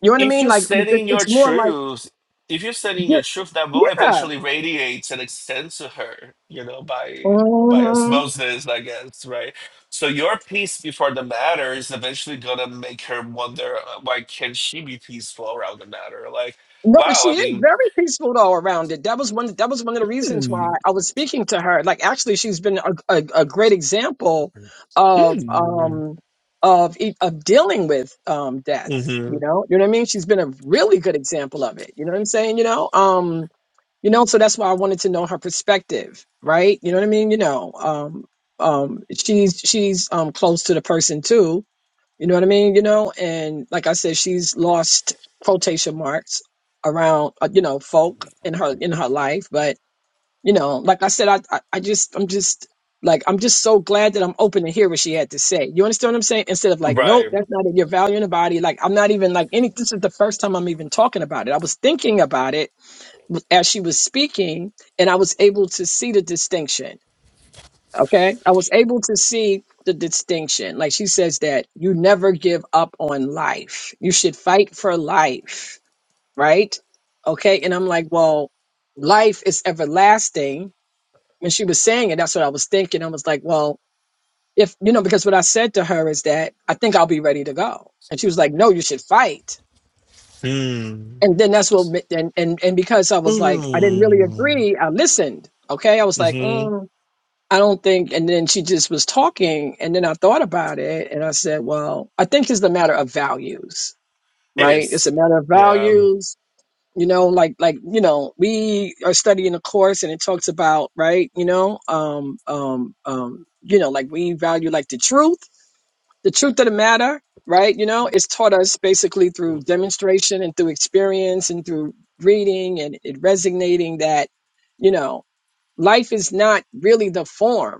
[SPEAKER 3] You know what I
[SPEAKER 2] if
[SPEAKER 3] mean?
[SPEAKER 2] you
[SPEAKER 3] Like
[SPEAKER 2] stand
[SPEAKER 3] it-
[SPEAKER 2] in your
[SPEAKER 3] it's more like
[SPEAKER 2] truth, if you stand in
[SPEAKER 3] yeah,
[SPEAKER 2] your truth, that will
[SPEAKER 3] yeah.
[SPEAKER 2] eventually radiate and extend to her, you know, by by
[SPEAKER 3] hmm
[SPEAKER 2] osmosis, I guess, right? So your peace before the matter is eventually gonna make her wonder, uh, why can she be peaceful around the matter? Like,
[SPEAKER 3] No, but
[SPEAKER 2] wow,
[SPEAKER 3] she
[SPEAKER 2] I
[SPEAKER 3] is
[SPEAKER 2] mean,
[SPEAKER 3] very peaceful though around it. That was one. That was one of the reasons why
[SPEAKER 2] mm,
[SPEAKER 3] I was speaking to her. Like, actually, she's been a, a, a great example of
[SPEAKER 2] mm,
[SPEAKER 3] um of e- of dealing with um death. You
[SPEAKER 2] mhm,
[SPEAKER 3] know, you know what I mean. She's been a really good example of it. You know what I'm saying? You know, um, you know. So that's why I wanted to know her perspective, right? You know what I mean? You know, um, um, she's she's um close to the person too You know what I mean? You know, and like I said, she's lost quotation marks around uh, you know folk in her in her life, but you know, like I said, I I, I just I'm just like I'm just so glad that I'm open to hear what she had to say. You understand what I'm saying? Instead of like, nope,
[SPEAKER 2] right,
[SPEAKER 3] that's not it. You're valuing the body. Like I'm not even like any. This is the first time I'm even talking about it. I was thinking about it as she was speaking, and I was able to see the distinction. Okay. I was able to see the distinction. Like she says that you never give up on life. You should fight for life. Right. Okay. And I'm like, well, life is everlasting. When she was saying it, that's what I was thinking. I was like, well, if, you know, because what I said to her is that I think I'll be ready to go. And she was like, no, you should fight.
[SPEAKER 2] mm,
[SPEAKER 3] And then that's what, and, and, and because I was like, I didn't really
[SPEAKER 2] mm,
[SPEAKER 3] agree, I listened. Okay. I was like,
[SPEAKER 2] mhm,
[SPEAKER 3] mm, I don't think, and then she just was talking, and then I thought about it, and I said, well, I think it's a matter of values,
[SPEAKER 2] it
[SPEAKER 3] right? It's
[SPEAKER 2] is,
[SPEAKER 3] a matter of
[SPEAKER 2] yeah,
[SPEAKER 3] values, you know, like, like, you know, we are studying a course and it talks about, right, you know, um, um, um, you know, like we value like the truth, the truth of the matter, right? You know, it's taught us basically through demonstration and through experience and through reading and it resonating that, you know, life is not really the form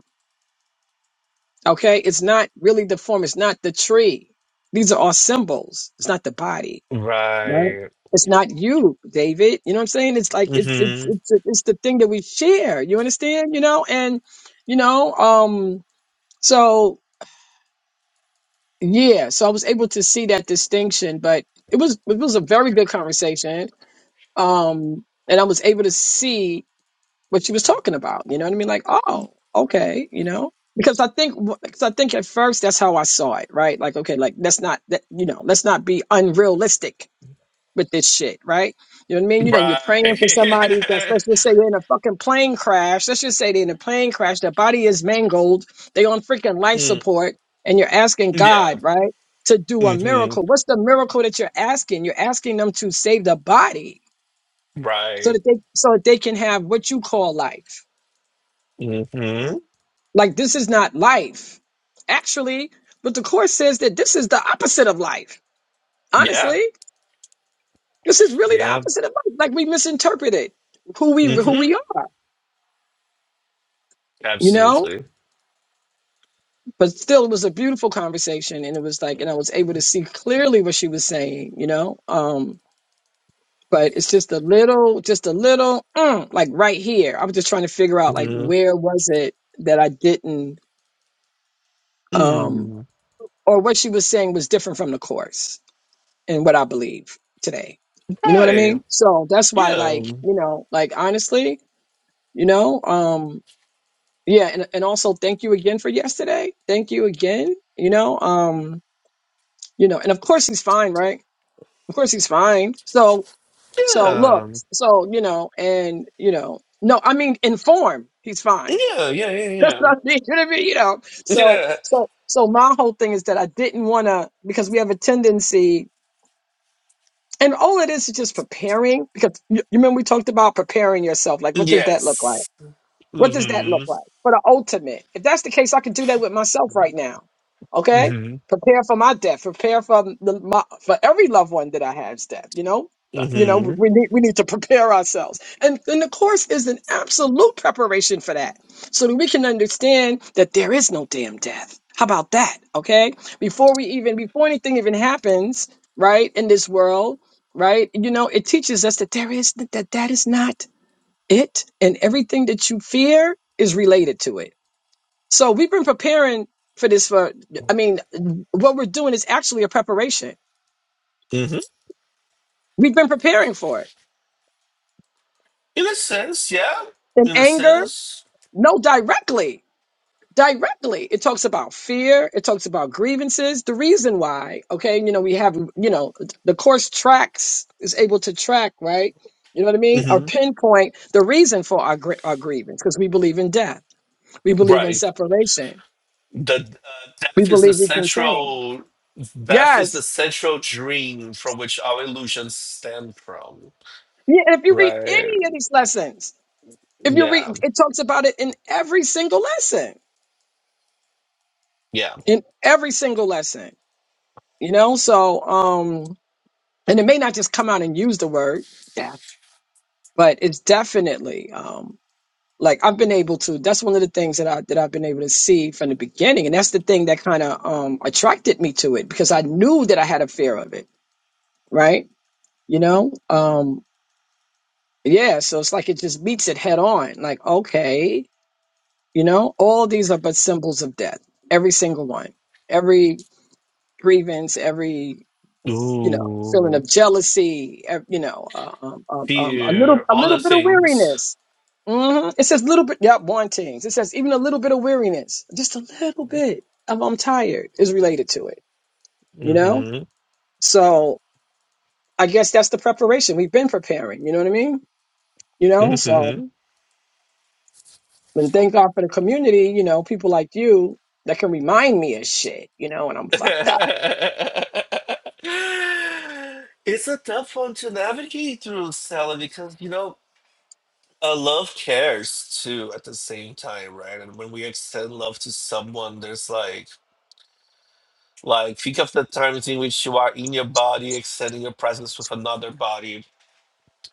[SPEAKER 3] Okay, it's not really the form, it's not the tree. These are all symbols. It's not the body, right?
[SPEAKER 2] right,
[SPEAKER 3] It's not you, David. You know what I'm saying? It's like it's
[SPEAKER 2] hmm.
[SPEAKER 3] it's it's it's the thing that we share. You understand? You know, and you know, um, so yeah, so I was able to see that distinction, but it was it was a very good conversation. Um, and I was able to see what she was talking about. You know what I mean? Like, oh, okay, you know, because I think because I think at first that's how I saw it, right? Like, okay, like let's not that you know, let's not be unrealistic with this shit, right? You know what I mean? You know, you're
[SPEAKER 2] Right.
[SPEAKER 3] praying for somebody that's let's just say they're in a fucking plane crash. Let's just say they're in a plane crash. Their body is mangled. They on freaking life
[SPEAKER 2] mm,
[SPEAKER 3] support, and you're asking
[SPEAKER 2] yeah.
[SPEAKER 3] God, right? To do a
[SPEAKER 2] hmm
[SPEAKER 3] miracle. What's the miracle that you're asking? You're asking them to save the body so
[SPEAKER 2] Right.
[SPEAKER 3] that they so that they can have what you call life
[SPEAKER 2] hmm
[SPEAKER 3] Like this is not life. Actually, but the course says that this is the opposite of life.
[SPEAKER 2] Yeah.
[SPEAKER 3] Honestly, this is really the
[SPEAKER 2] Yeah.
[SPEAKER 3] opposite of life. Like we misinterpreted who we who
[SPEAKER 2] hmm
[SPEAKER 3] we are, you know?
[SPEAKER 2] Absolutely.
[SPEAKER 3] But still it was a beautiful conversation and it was like and I was able to see clearly what she was saying, you know? Um but it's just a little just a little mm, like right here. I was just trying to figure out like
[SPEAKER 2] hmm
[SPEAKER 3] where was it that I didn't um
[SPEAKER 2] Mm.
[SPEAKER 3] or what she was saying was different from the course in what I believe today. You know what I
[SPEAKER 2] Right.
[SPEAKER 3] mean? So that's why,
[SPEAKER 2] Yeah.
[SPEAKER 3] like, you know, like honestly, you know, um, yeah, and, and also thank you again for yesterday. Thank you again, you know, um, you know, and of course he's fine, right? Of course he's fine. So so look,
[SPEAKER 2] Yeah.
[SPEAKER 3] so you know, and you know, no, I mean in form, he's fine.
[SPEAKER 2] Yeah. Yeah.
[SPEAKER 3] That's
[SPEAKER 2] Yeah. Yeah.
[SPEAKER 3] what I mean, you know what I mean? You know. So
[SPEAKER 2] Yeah.
[SPEAKER 3] so so my whole thing is that I didn't wanna because we have a tendency And all it is is just preparing because you, you remember we talked about preparing yourself. Like, what does that look like?
[SPEAKER 2] Yes.
[SPEAKER 3] What does that
[SPEAKER 2] hmm
[SPEAKER 3] look like for the ultimate? If that's the case, I could do that with myself right now. Okay,
[SPEAKER 2] hmm
[SPEAKER 3] prepare for my death. Prepare for the, my, for every loved one that I have's death. You know, Uh, you know,
[SPEAKER 2] hmm
[SPEAKER 3] we need we need to prepare ourselves, and and the course is an absolute preparation for that, so that we can understand that there is no damn death. How about that? Okay, before we even before anything even happens, right in this world, right? You know, it teaches us that there is that that is not it and everything that you fear is related to it. So we've been preparing for this for, I mean, what we're doing is actually a preparation.
[SPEAKER 2] hmm
[SPEAKER 3] We've been preparing for it.
[SPEAKER 2] In a sense, yeah.
[SPEAKER 3] And
[SPEAKER 2] In a
[SPEAKER 3] anger,
[SPEAKER 2] sense.
[SPEAKER 3] no, directly, directly. It talks about fear. It talks about grievances. The reason why, okay, you know, we have, you know, the course tracks is able to track, right? You know what I mean? Or
[SPEAKER 2] hmm
[SPEAKER 3] pinpoint the reason for our, gr- our grievance because we believe in death. We believe in
[SPEAKER 2] Right.
[SPEAKER 3] separation.
[SPEAKER 2] the uh,
[SPEAKER 3] We
[SPEAKER 2] death is the
[SPEAKER 3] believe we can change.
[SPEAKER 2] central death is the
[SPEAKER 3] Yes.
[SPEAKER 2] central dream from which our illusions stem from
[SPEAKER 3] Yeah, and if you read
[SPEAKER 2] right
[SPEAKER 3] any of these lessons, if you read,
[SPEAKER 2] yeah
[SPEAKER 3] it talks about it in every single lesson,
[SPEAKER 2] yeah
[SPEAKER 3] in every single lesson, you know? So, um, and it may not just come out and use the word, yeah, but it's definitely, um, like I've been able to, that's one of the things that I, that I've been able to see from the beginning. And that's the thing that kind of, um, attracted me to it because I knew that I had a fear of it. Right. You know? Um, yeah. So it's like, it just meets it head on. Like, okay You know, all these are but symbols of death. Every single one. Every grievance, every you know, feeling
[SPEAKER 2] ooh
[SPEAKER 3] of jealousy, ev- you know, uh, um, um, um, a little,
[SPEAKER 2] fear
[SPEAKER 3] a
[SPEAKER 2] all the
[SPEAKER 3] little bit of
[SPEAKER 2] things
[SPEAKER 3] weariness. hmm It says little bit, yeah, wantings. It says even a little bit of weariness, just a little bit of I'm tired is related to it, you know?
[SPEAKER 2] mhm
[SPEAKER 3] So I guess that's the preparation. We've been preparing, you know what I mean? You know, so
[SPEAKER 2] mhm
[SPEAKER 3] And thank God for the community, you know, people like you that can remind me of shit, you know, when I'm fucked up.
[SPEAKER 2] it's a tough one to navigate through Sally because you know uh, love cares too at the same time right and when we extend love to someone there's like Like, think of the times in which you are in your body, extending your presence with another body.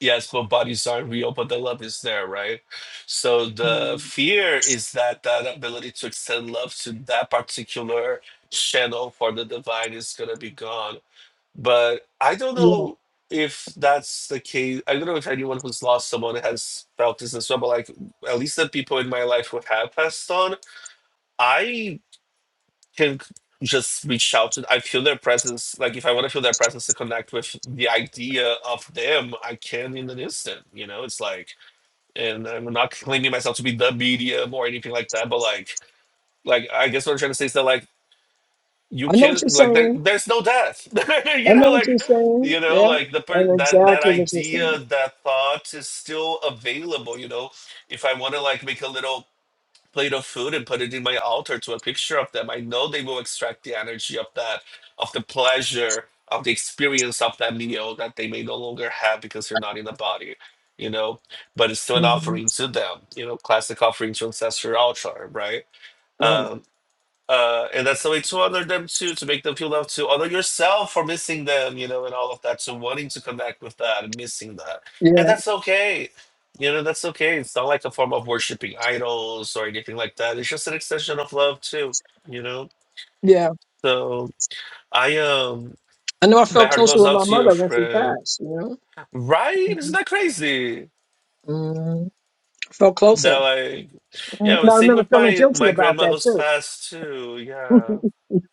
[SPEAKER 2] Yes, both bodies are real, but the love is there, right? So the
[SPEAKER 3] Mhm.
[SPEAKER 2] fear is that that ability to extend love to that particular channel for the divine is gonna be gone. But I don't
[SPEAKER 3] Yeah.
[SPEAKER 2] know if that's the case. I don't know if anyone who's lost someone has felt this as well. But like, at least the people in my life who have passed on, I can just reach out to i feel their presence like if i want to feel their presence to connect with the idea of them i can in an instant you know it's like and i'm not claiming myself to be the medium or anything like that but like like i guess what i'm trying to say is that like you
[SPEAKER 3] I know what you're
[SPEAKER 2] can like there,
[SPEAKER 3] saying.
[SPEAKER 2] there's no death
[SPEAKER 3] I
[SPEAKER 2] you
[SPEAKER 3] know
[SPEAKER 2] know
[SPEAKER 3] what you're
[SPEAKER 2] like
[SPEAKER 3] saying.
[SPEAKER 2] you know
[SPEAKER 3] Yeah.
[SPEAKER 2] like the
[SPEAKER 3] I
[SPEAKER 2] per-
[SPEAKER 3] know
[SPEAKER 2] that that
[SPEAKER 3] exactly what you're
[SPEAKER 2] idea
[SPEAKER 3] saying.
[SPEAKER 2] that thought is still available you know if i want to like make a little plate of food and put it in my altar to a picture of them. I know they will extract the energy of that, of the pleasure, of the experience of that meal that they may no longer have because they are not in the body, you know. But it's still an
[SPEAKER 3] hmm
[SPEAKER 2] offering to them, you know, classic offering to ancestral altar, right?
[SPEAKER 3] Right.
[SPEAKER 2] Um, uh, and that's the way to honor them too, to make them feel loved, to honor yourself for missing them, you know, and all of that, to wanting to connect with that and missing that, and
[SPEAKER 3] Yeah.
[SPEAKER 2] that's okay, you know, that's okay. It's not like a form of worshiping idols or anything like that. It's just an extension of love too, you know.
[SPEAKER 3] Yeah.
[SPEAKER 2] So I um,
[SPEAKER 3] I know I
[SPEAKER 2] my
[SPEAKER 3] felt
[SPEAKER 2] heart
[SPEAKER 3] closer
[SPEAKER 2] goes
[SPEAKER 3] with
[SPEAKER 2] out
[SPEAKER 3] my
[SPEAKER 2] to your
[SPEAKER 3] mother when she
[SPEAKER 2] friend,
[SPEAKER 3] passed, you
[SPEAKER 2] right? Isn't that crazy?
[SPEAKER 3] know? Felt
[SPEAKER 2] That
[SPEAKER 3] closer.
[SPEAKER 2] like,
[SPEAKER 3] Mm,
[SPEAKER 2] yeah,
[SPEAKER 3] I
[SPEAKER 2] same
[SPEAKER 3] remember
[SPEAKER 2] with
[SPEAKER 3] feeling
[SPEAKER 2] my
[SPEAKER 3] guilty
[SPEAKER 2] my
[SPEAKER 3] about
[SPEAKER 2] grandma
[SPEAKER 3] that
[SPEAKER 2] who's
[SPEAKER 3] too.
[SPEAKER 2] passed too. Yeah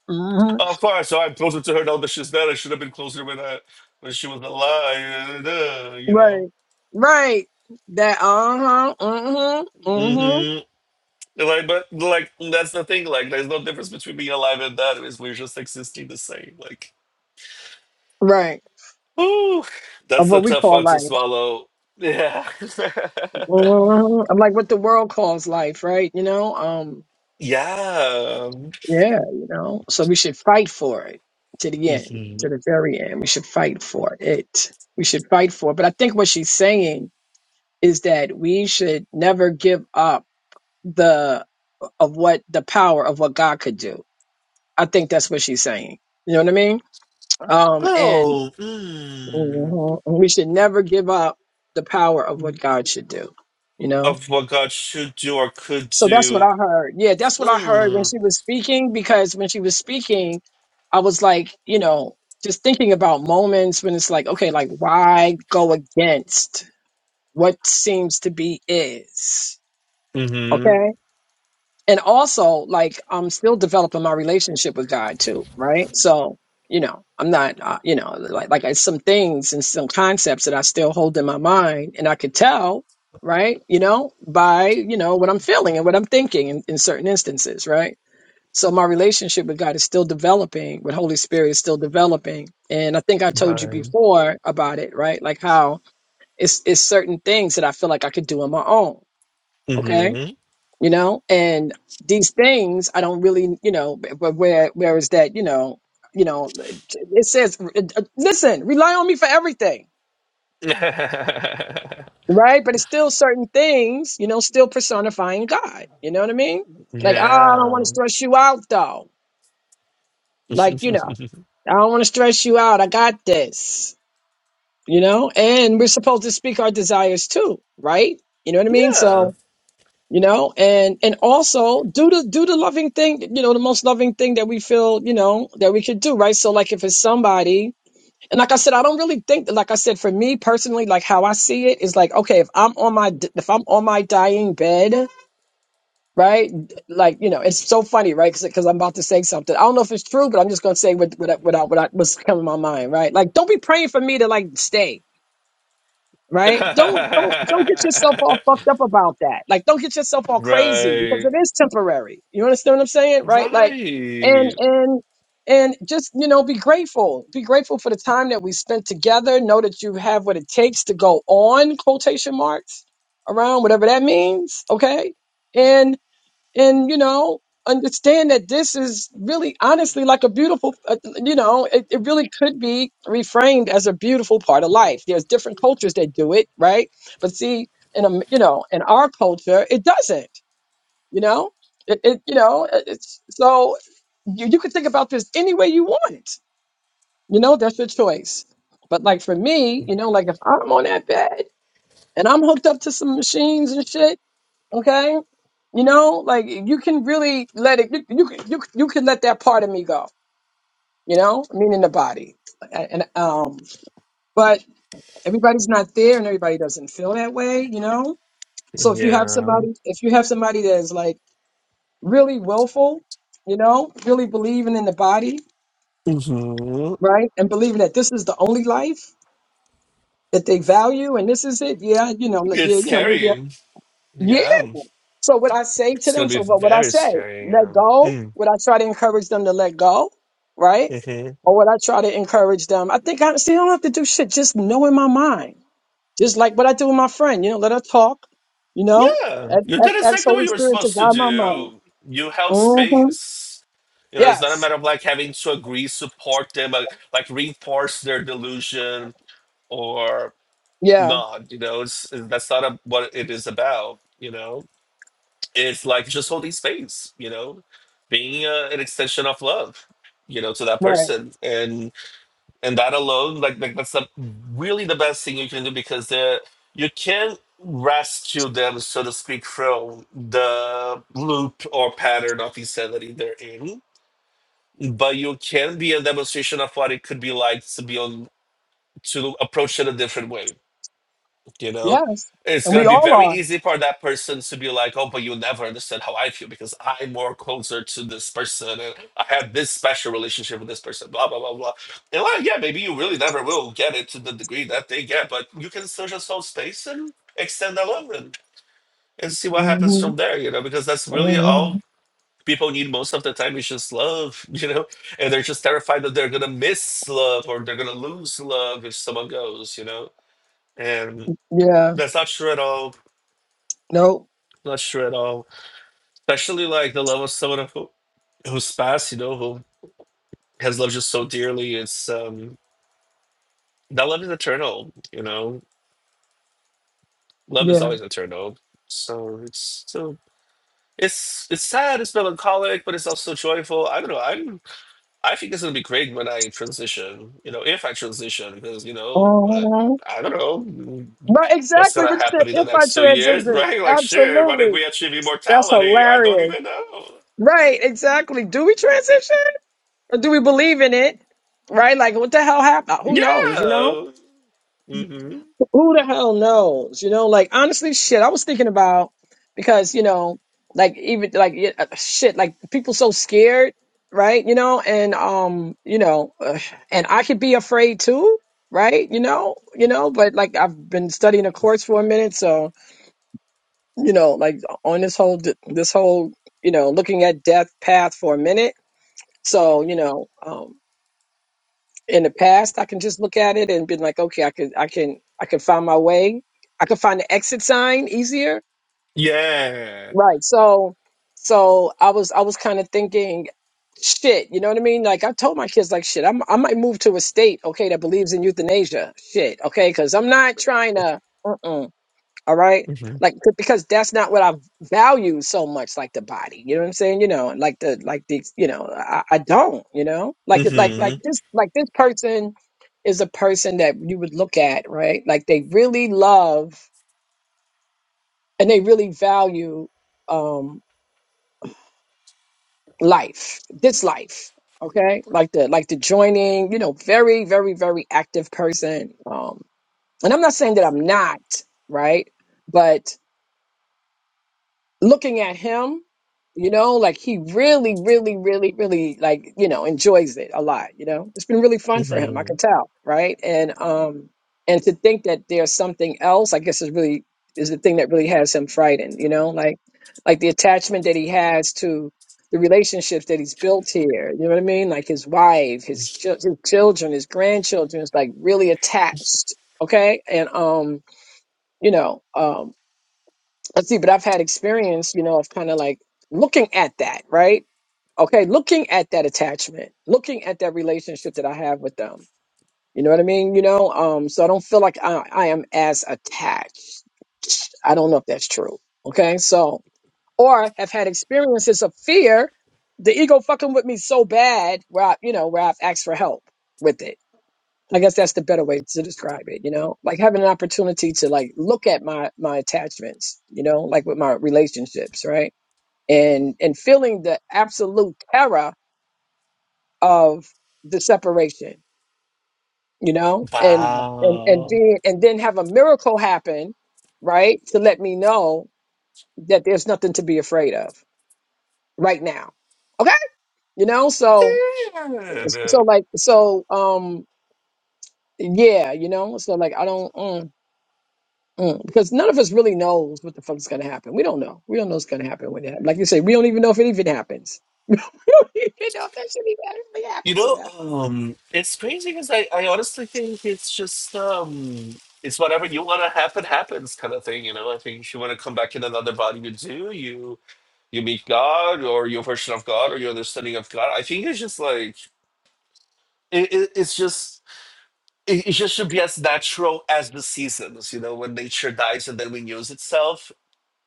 [SPEAKER 3] hmm
[SPEAKER 2] Oh, fine. So I'm closer to her now that she's dead. I should have been closer when I when she was alive. uh, You know.
[SPEAKER 3] Right. Right. That uh huh. Mm-hmm. Mm-hmm.
[SPEAKER 2] hmm Like, but like that's the thing. Like, there's no difference between being alive and dead. Is we're just existing the same. Like,
[SPEAKER 3] Right.
[SPEAKER 2] ooh,
[SPEAKER 3] Of
[SPEAKER 2] that's the
[SPEAKER 3] what we
[SPEAKER 2] tough
[SPEAKER 3] call
[SPEAKER 2] one to
[SPEAKER 3] life.
[SPEAKER 2] swallow. Yeah.
[SPEAKER 3] hmm I'm like what the world calls life, right? You know? Um,
[SPEAKER 2] yeah.
[SPEAKER 3] yeah, you know. So we should fight for it to the end,
[SPEAKER 2] hmm
[SPEAKER 3] to the very end. We should fight for it. We should fight for it. But I think what she's saying is that we should never give up the of what the power of what God could do. I think that's what she's saying. You know what I mean? Um, and
[SPEAKER 2] Oh. Mm.
[SPEAKER 3] mm-hmm, we should never give up the power of what God should do. You know.
[SPEAKER 2] Of what God should do or could
[SPEAKER 3] So that's what
[SPEAKER 2] do.
[SPEAKER 3] I heard. Yeah, that's what I heard when
[SPEAKER 2] Mm.
[SPEAKER 3] she was speaking. Because when she was speaking, I was like, you know, just thinking about moments when it's like, okay, like why go against what seems to be is?
[SPEAKER 2] Hmm.
[SPEAKER 3] Okay. and also like i'm still developing my relationship with god too right so you know i'm not uh, you know like like I, some things and some concepts that i still hold in my mind and i could tell right you know by you know what i'm feeling and what i'm thinking in, in certain instances right so my relationship with god is still developing with holy spirit is still developing and i think i told you
[SPEAKER 2] Right.
[SPEAKER 3] before about it right like how it's it's certain things that i feel like i could do on my own okay
[SPEAKER 2] Mm-hmm.
[SPEAKER 3] you know and these things i don't really you know but where where is that you know you know it says uh, uh, listen rely on me for everything
[SPEAKER 2] yeah.
[SPEAKER 3] right but it's still certain things you know still personifying god you know what i mean like oh i don't want
[SPEAKER 2] yeah.
[SPEAKER 3] to stress you out though like you know i don't want to stress you out i got this you know and we're supposed to speak our desires too right you know what i mean so you know and and also do the do the loving thing you know the most loving thing that we feel you know that we could do right so like if it's somebody and like i said i don't really think like i said for me personally like how i see it is like okay if i'm on my d- if i'm on my dying bed right like you know it's so funny right because i'm about to say something i don't know if it's true but i'm just going to say what what I- what, I, what I, what's coming to my mind right like don't be praying for me to like stay right? Don't don't don't get yourself all fucked up about that. Like don't get yourself all crazy because
[SPEAKER 2] right.
[SPEAKER 3] it is temporary. You understand what I'm saying? Right? Like and
[SPEAKER 2] Right.
[SPEAKER 3] and and just you know be grateful. Be grateful for the time that we spent together. Know that you have what it takes to go on quotation marks around whatever that means, okay? and you know understand that this is really honestly like a beautiful uh, you know it, it really could be reframed as a beautiful part of life there's different cultures that do it right but see in a you know in our culture it doesn't you know it, it you know it- it's so you, you could think about this any way you want you know that's your choice but like for me you know like if i'm on that bed and i'm hooked up to some machines and shit Okay? You know, like you can really let it. You you can- you, you can let that part of me go. You know, meaning the body, and um. But everybody's not there, and everybody doesn't feel that way. You know, so if you have
[SPEAKER 2] Yeah.
[SPEAKER 3] somebody, if you have somebody that is like really willful, you know, really believing in the body,
[SPEAKER 2] hmm
[SPEAKER 3] right, and believing that this is the only life that they value, and this is it. Yeah, you know, like,
[SPEAKER 2] It's
[SPEAKER 3] yeah, you know, maybe.
[SPEAKER 2] scary. Yeah.
[SPEAKER 3] So what I say to
[SPEAKER 2] It's going
[SPEAKER 3] them,
[SPEAKER 2] to be
[SPEAKER 3] so what would I
[SPEAKER 2] very
[SPEAKER 3] say?
[SPEAKER 2] scary.
[SPEAKER 3] Let
[SPEAKER 2] Yeah.
[SPEAKER 3] go?
[SPEAKER 2] Mm-hmm.
[SPEAKER 3] Would I try to encourage them to let go? Right? Or would I try to encourage them? I think I see I don't have to do shit. Just know in my mind. Just like what I do with my friend, you know, let her talk, you know?
[SPEAKER 2] Yeah.
[SPEAKER 3] A-
[SPEAKER 2] You did
[SPEAKER 3] Ask
[SPEAKER 2] exactly what
[SPEAKER 3] Holy
[SPEAKER 2] you were
[SPEAKER 3] Spirit to
[SPEAKER 2] supposed to
[SPEAKER 3] guide my mind.
[SPEAKER 2] do. You held
[SPEAKER 3] hmm
[SPEAKER 2] space. You know, it's not a
[SPEAKER 3] Yes.
[SPEAKER 2] matter of like having to agree, support them, like, like reinforce their delusion or
[SPEAKER 3] Yeah.
[SPEAKER 2] not you know it's, that's not a, what it is about you know it's like just holding space you know being uh, an extension of love you know to that
[SPEAKER 3] Right.
[SPEAKER 2] person and and that alone like, like that's the, really the best thing you can do because they you can rescue them so to speak from the loop or pattern of insanity they're in but you can be a demonstration of what it could be like to be on to approach it a different way you know
[SPEAKER 3] Yes.
[SPEAKER 2] it's
[SPEAKER 3] And we
[SPEAKER 2] going to be
[SPEAKER 3] all
[SPEAKER 2] very
[SPEAKER 3] are.
[SPEAKER 2] easy for that person to be like oh but you never understand how i feel because i'm more closer to this person and i have this special relationship with this person blah blah blah blah and like yeah maybe you really never will get it to the degree that they get but you can still just hold space and extend that love and, and see what happens
[SPEAKER 3] hmm
[SPEAKER 2] from there you know because that's really
[SPEAKER 3] hmm
[SPEAKER 2] all people need most of the time is just love you know and they're just terrified that they're going to miss love or they're going to lose love if someone goes you know and
[SPEAKER 3] Yeah.
[SPEAKER 2] that's not true at all
[SPEAKER 3] Nope.
[SPEAKER 2] Not sure at all. Especially like the love of someone who who's passed, you know, who has loved you so dearly. It's um that love is eternal, you know. Love is
[SPEAKER 3] Yeah.
[SPEAKER 2] always eternal. So it's so it's it's sad, it's melancholic, but it's also joyful. I don't know. I'm I think it's gonna be great when I transition, you know, if I transition, because you know, but
[SPEAKER 3] hmm
[SPEAKER 2] I don't know
[SPEAKER 3] Right,
[SPEAKER 2] what's
[SPEAKER 3] exactly
[SPEAKER 2] gonna
[SPEAKER 3] what you
[SPEAKER 2] happen
[SPEAKER 3] said,
[SPEAKER 2] in the
[SPEAKER 3] if I
[SPEAKER 2] next two years,
[SPEAKER 3] transition.
[SPEAKER 2] right? Like sure, what if
[SPEAKER 3] Absolutely.
[SPEAKER 2] we achieve
[SPEAKER 3] That's
[SPEAKER 2] immortality? I don't
[SPEAKER 3] hilarious.
[SPEAKER 2] even know.
[SPEAKER 3] Right, exactly. Do we transition or do we believe in it? Right? Like, what the hell happened? Uh, Who knows, you know?
[SPEAKER 2] Yeah. Mhm.
[SPEAKER 3] Who the hell knows? You know, like, honestly, shit, I was thinking about because, you know, like, even like, yeah, uh, shit, like, people so scared, right? You know, and, um, you know, ugh, and I could be afraid too, right? You know, you know, but like, I've been studying a course for a minute. So, you know, like, on this whole, this whole, you know, looking at death path for a minute So, you know, um, in the past, I can just look at it and be like, okay, I could, I can, I can find my way. I could find the exit sign easier.
[SPEAKER 2] Yeah.
[SPEAKER 3] Right. So, so I was, I was kind of thinking, shit, you know what I mean? Like I told my kids, like, shit, I'm, I might move to a state, okay, that believes in euthanasia. Shit, okay, because I'm not trying to. All right.
[SPEAKER 2] hmm
[SPEAKER 3] Like c- because that's not what I value so much, like the body. You know what I'm saying? You know, like the like the you know, I, I don't, you know? Like it- like
[SPEAKER 2] hmm
[SPEAKER 3] like this like this person is a person that you would look at, right? Like they really love and they really value um life, this life. Okay. Like the like the joining, you know, very, very, very active person. Um and I'm not saying that I'm not, right? But looking at him, you know, like he really, really, really, really like, you know, enjoys it a lot, you know. It's been really fun for him, I
[SPEAKER 2] hmm
[SPEAKER 3] can tell, right? And um and to think that there's something else, I guess is really is the thing that really has him frightened, you know, like like the attachment that he has to the relationships that he's built here, you know what I mean? Like his wife, his, chil- his children, his grandchildren is like really attached, okay? And um, you know, um, Let's see, but I've had experience, you know, of kind of like looking at that, right? Okay, looking at that attachment, looking at that relationship that I have with them. You know what I mean? You know, um, so I don't feel like I, I am as attached. I don't know if that's true. Okay, so or have had experiences of fear, the ego fucking with me so bad where I, you know, where I've asked for help with it I guess that's the better way to describe it, you know? Like having an opportunity to like look at my my attachments, you know, like with my relationships, right? And and feeling the absolute terror of the separation, you know? And and and
[SPEAKER 2] Wow.
[SPEAKER 3] being and then have a miracle happen, right? To let me know that there's nothing to be afraid of right now. Okay? You know, so so
[SPEAKER 2] Dude.
[SPEAKER 3] like so um yeah, you know, so like I don't. mm. Mm, because none of us really knows what the fuck is gonna happen. We don't know. We don't know what's gonna happen when it happens. Like you say, we don't even know if it even happens. we don't even know if that shit even actually
[SPEAKER 2] You
[SPEAKER 3] happens or
[SPEAKER 2] know,
[SPEAKER 3] not.
[SPEAKER 2] um, it's crazy because I, I honestly think it's just um it's whatever you wanna happen happens kind of thing, you know. I think if you wanna come back in another body you do, you you meet God or your version of God or your understanding of God. I think it's just like it, it, it's just it, it just should be as natural as the seasons, you know, when nature dies and then renews itself.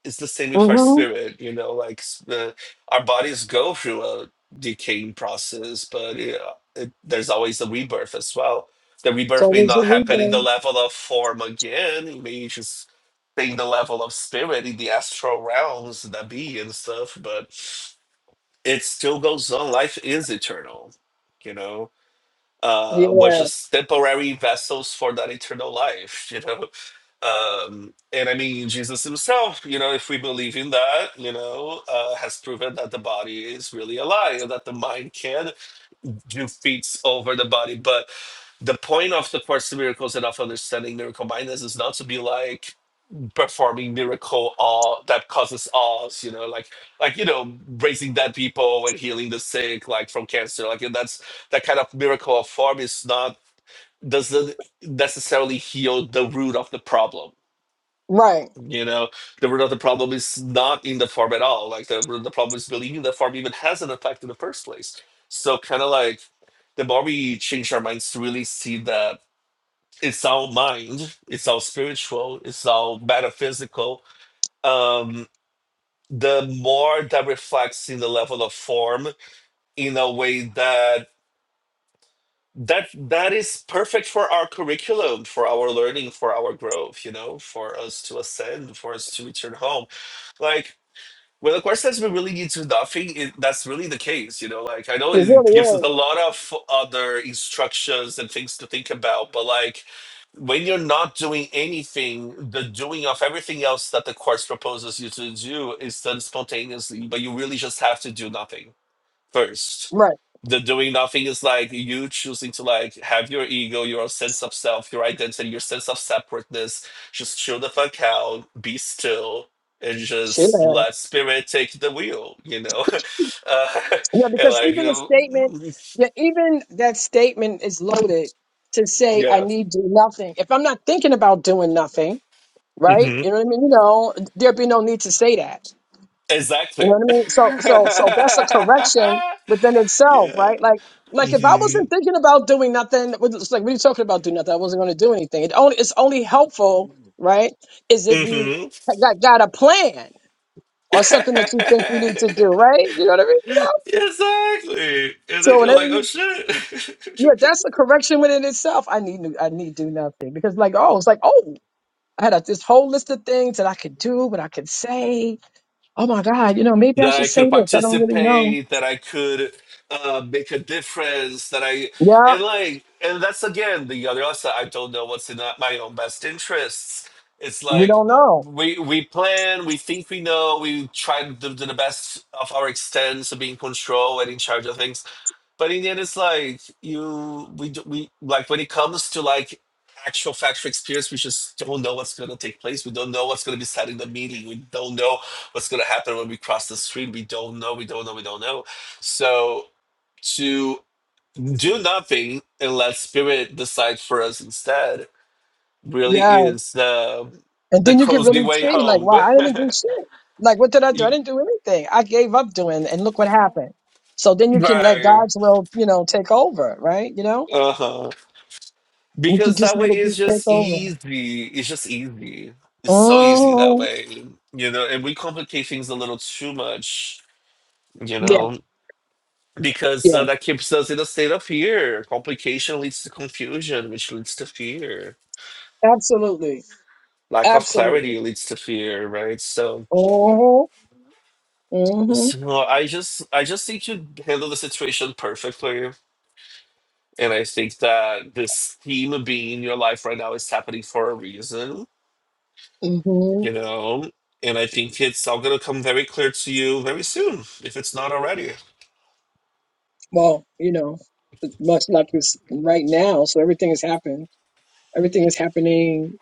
[SPEAKER 2] it's the same with our
[SPEAKER 3] Mm-hmm.
[SPEAKER 2] spirit you know like s- the our bodies go through a decaying process but it, uh, it, there's always a rebirth as well the rebirth
[SPEAKER 3] So
[SPEAKER 2] may
[SPEAKER 3] there's a
[SPEAKER 2] not happen in the
[SPEAKER 3] replay.
[SPEAKER 2] level of form again it may just be in the level of spirit in the astral realms that be and stuff but it still goes on life is eternal you know uh
[SPEAKER 3] Yeah.
[SPEAKER 2] we're just temporary vessels for that eternal life you know um, and I mean, Jesus himself, you know, if we believe in that, you know, uh, has proven that the body is really a alive, that the mind can do feats over the body. But the point of the Course in Miracles and of understanding miracle mindness is not to be like performing miracle awe that causes awes, you know, like like you know, raising dead people and healing the sick, like from cancer. Like and that's that kind of miracle of form is not doesn't necessarily heal the root of the problem
[SPEAKER 3] Right. It
[SPEAKER 2] you know, the root of the problem is not in the form at all. Like the root of the problem is believing the form even has an effect in the first place. So kind of like the more we change our minds to really see that it's all mind, it's all spiritual, it's all metaphysical, um, the more that reflects in the level of form in a way that that that is perfect for our curriculum, for our learning, for our growth, you know, for us to ascend, for us to return home like when a question has been really leads to nothing, it, that's really the case. You know, like I know it
[SPEAKER 3] really
[SPEAKER 2] gives us a
[SPEAKER 3] is.
[SPEAKER 2] lot of other instructions and things to think about, but like when you're not doing anything, the doing of everything else that the course proposes you to do is done spontaneously, but you really just have to do nothing first.
[SPEAKER 3] Right.
[SPEAKER 2] The doing nothing is like you choosing to like have your ego, your sense of self, your identity, your sense of separateness. Just chill the fuck out, be still, and
[SPEAKER 3] Shit.
[SPEAKER 2] just let spirit take the wheel. You know, uh,
[SPEAKER 3] Yeah,
[SPEAKER 2] and
[SPEAKER 3] because
[SPEAKER 2] like you
[SPEAKER 3] even a
[SPEAKER 2] know,
[SPEAKER 3] statement, yeah, even that statement is loaded to say I need to do nothing. If I'm not thinking about doing nothing,
[SPEAKER 2] yeah,
[SPEAKER 3] right?
[SPEAKER 2] hmm
[SPEAKER 3] You know what I mean? You know, there'd be no need to say that You
[SPEAKER 2] exactly.
[SPEAKER 3] know what I mean? So, so, so that's a correction within itself,
[SPEAKER 2] yeah.
[SPEAKER 3] right? Like, like if I
[SPEAKER 2] hmm
[SPEAKER 3] wasn't thinking about doing nothing, it's like, what are you talking about? Do nothing. I wasn't going to do anything. It only, it's only helpful, right? Is if you
[SPEAKER 2] hmm
[SPEAKER 3] got, got a plan or something that you think you need to do,
[SPEAKER 2] exactly.
[SPEAKER 3] right? You know what I mean? You know?
[SPEAKER 2] And
[SPEAKER 3] So
[SPEAKER 2] then you're
[SPEAKER 3] whenever
[SPEAKER 2] like, oh
[SPEAKER 3] you,
[SPEAKER 2] shit.
[SPEAKER 3] yeah, that's a correction within itself. I need, I need do nothing because like, oh, it's like, oh, I had a, this whole list of things that I could do, what I could say. Oh my God, you know, maybe I
[SPEAKER 2] that I
[SPEAKER 3] should say
[SPEAKER 2] could
[SPEAKER 3] this. I don't really know.
[SPEAKER 2] participate, that I could uh, make a difference, that I
[SPEAKER 3] Yeah.
[SPEAKER 2] and like and that's again the other side. I don't know what's in that- my own best interests. It's
[SPEAKER 3] We
[SPEAKER 2] like
[SPEAKER 3] don't know.
[SPEAKER 2] we we plan, we think we know, we try to do the best of our extents of being control and in charge of things but in the end, it's like you we d- we like when it comes to like actual factual experience, we just don't know what's going to take place. We don't know what's going to be said in the meeting. We don't know what's going to happen when we cross the street. We don't know. We don't know. We don't know. So to do nothing and let spirit decide for us instead really
[SPEAKER 3] Yeah.
[SPEAKER 2] is the
[SPEAKER 3] And
[SPEAKER 2] the
[SPEAKER 3] then you can
[SPEAKER 2] cozy
[SPEAKER 3] really
[SPEAKER 2] way
[SPEAKER 3] see, like,
[SPEAKER 2] home.
[SPEAKER 3] wow, I didn't do shit. Like, what did I do? I
[SPEAKER 2] Y-
[SPEAKER 3] didn't do anything. I gave up doing, and look what happened. So then you can let
[SPEAKER 2] right.
[SPEAKER 3] God's will, you know, take over, right? You know,
[SPEAKER 2] Uh huh.
[SPEAKER 3] you can
[SPEAKER 2] Because
[SPEAKER 3] just
[SPEAKER 2] that way
[SPEAKER 3] let it
[SPEAKER 2] it's
[SPEAKER 3] just take
[SPEAKER 2] just
[SPEAKER 3] over.
[SPEAKER 2] easy. It's just easy. It's so easy that
[SPEAKER 3] Oh,
[SPEAKER 2] way, you know. And we complicate things a little too much, you
[SPEAKER 3] yeah,
[SPEAKER 2] know, because uh,
[SPEAKER 3] yeah,
[SPEAKER 2] that keeps us in a state of fear. Complication leads to confusion, which leads to fear.
[SPEAKER 3] absolutely,
[SPEAKER 2] Lack of
[SPEAKER 3] absolutely.
[SPEAKER 2] clarity leads to fear, right? So,
[SPEAKER 3] Oh, mm mhm,
[SPEAKER 2] so I just, I just think you handle the situation perfectly, and I think that this theme being in your life right now is happening for a reason
[SPEAKER 3] mm mhm.
[SPEAKER 2] you know and i think it's all going to come very clear to you very soon if it's not already
[SPEAKER 3] Well, you know, it's much like this right now. So everything has happened. Everything is happening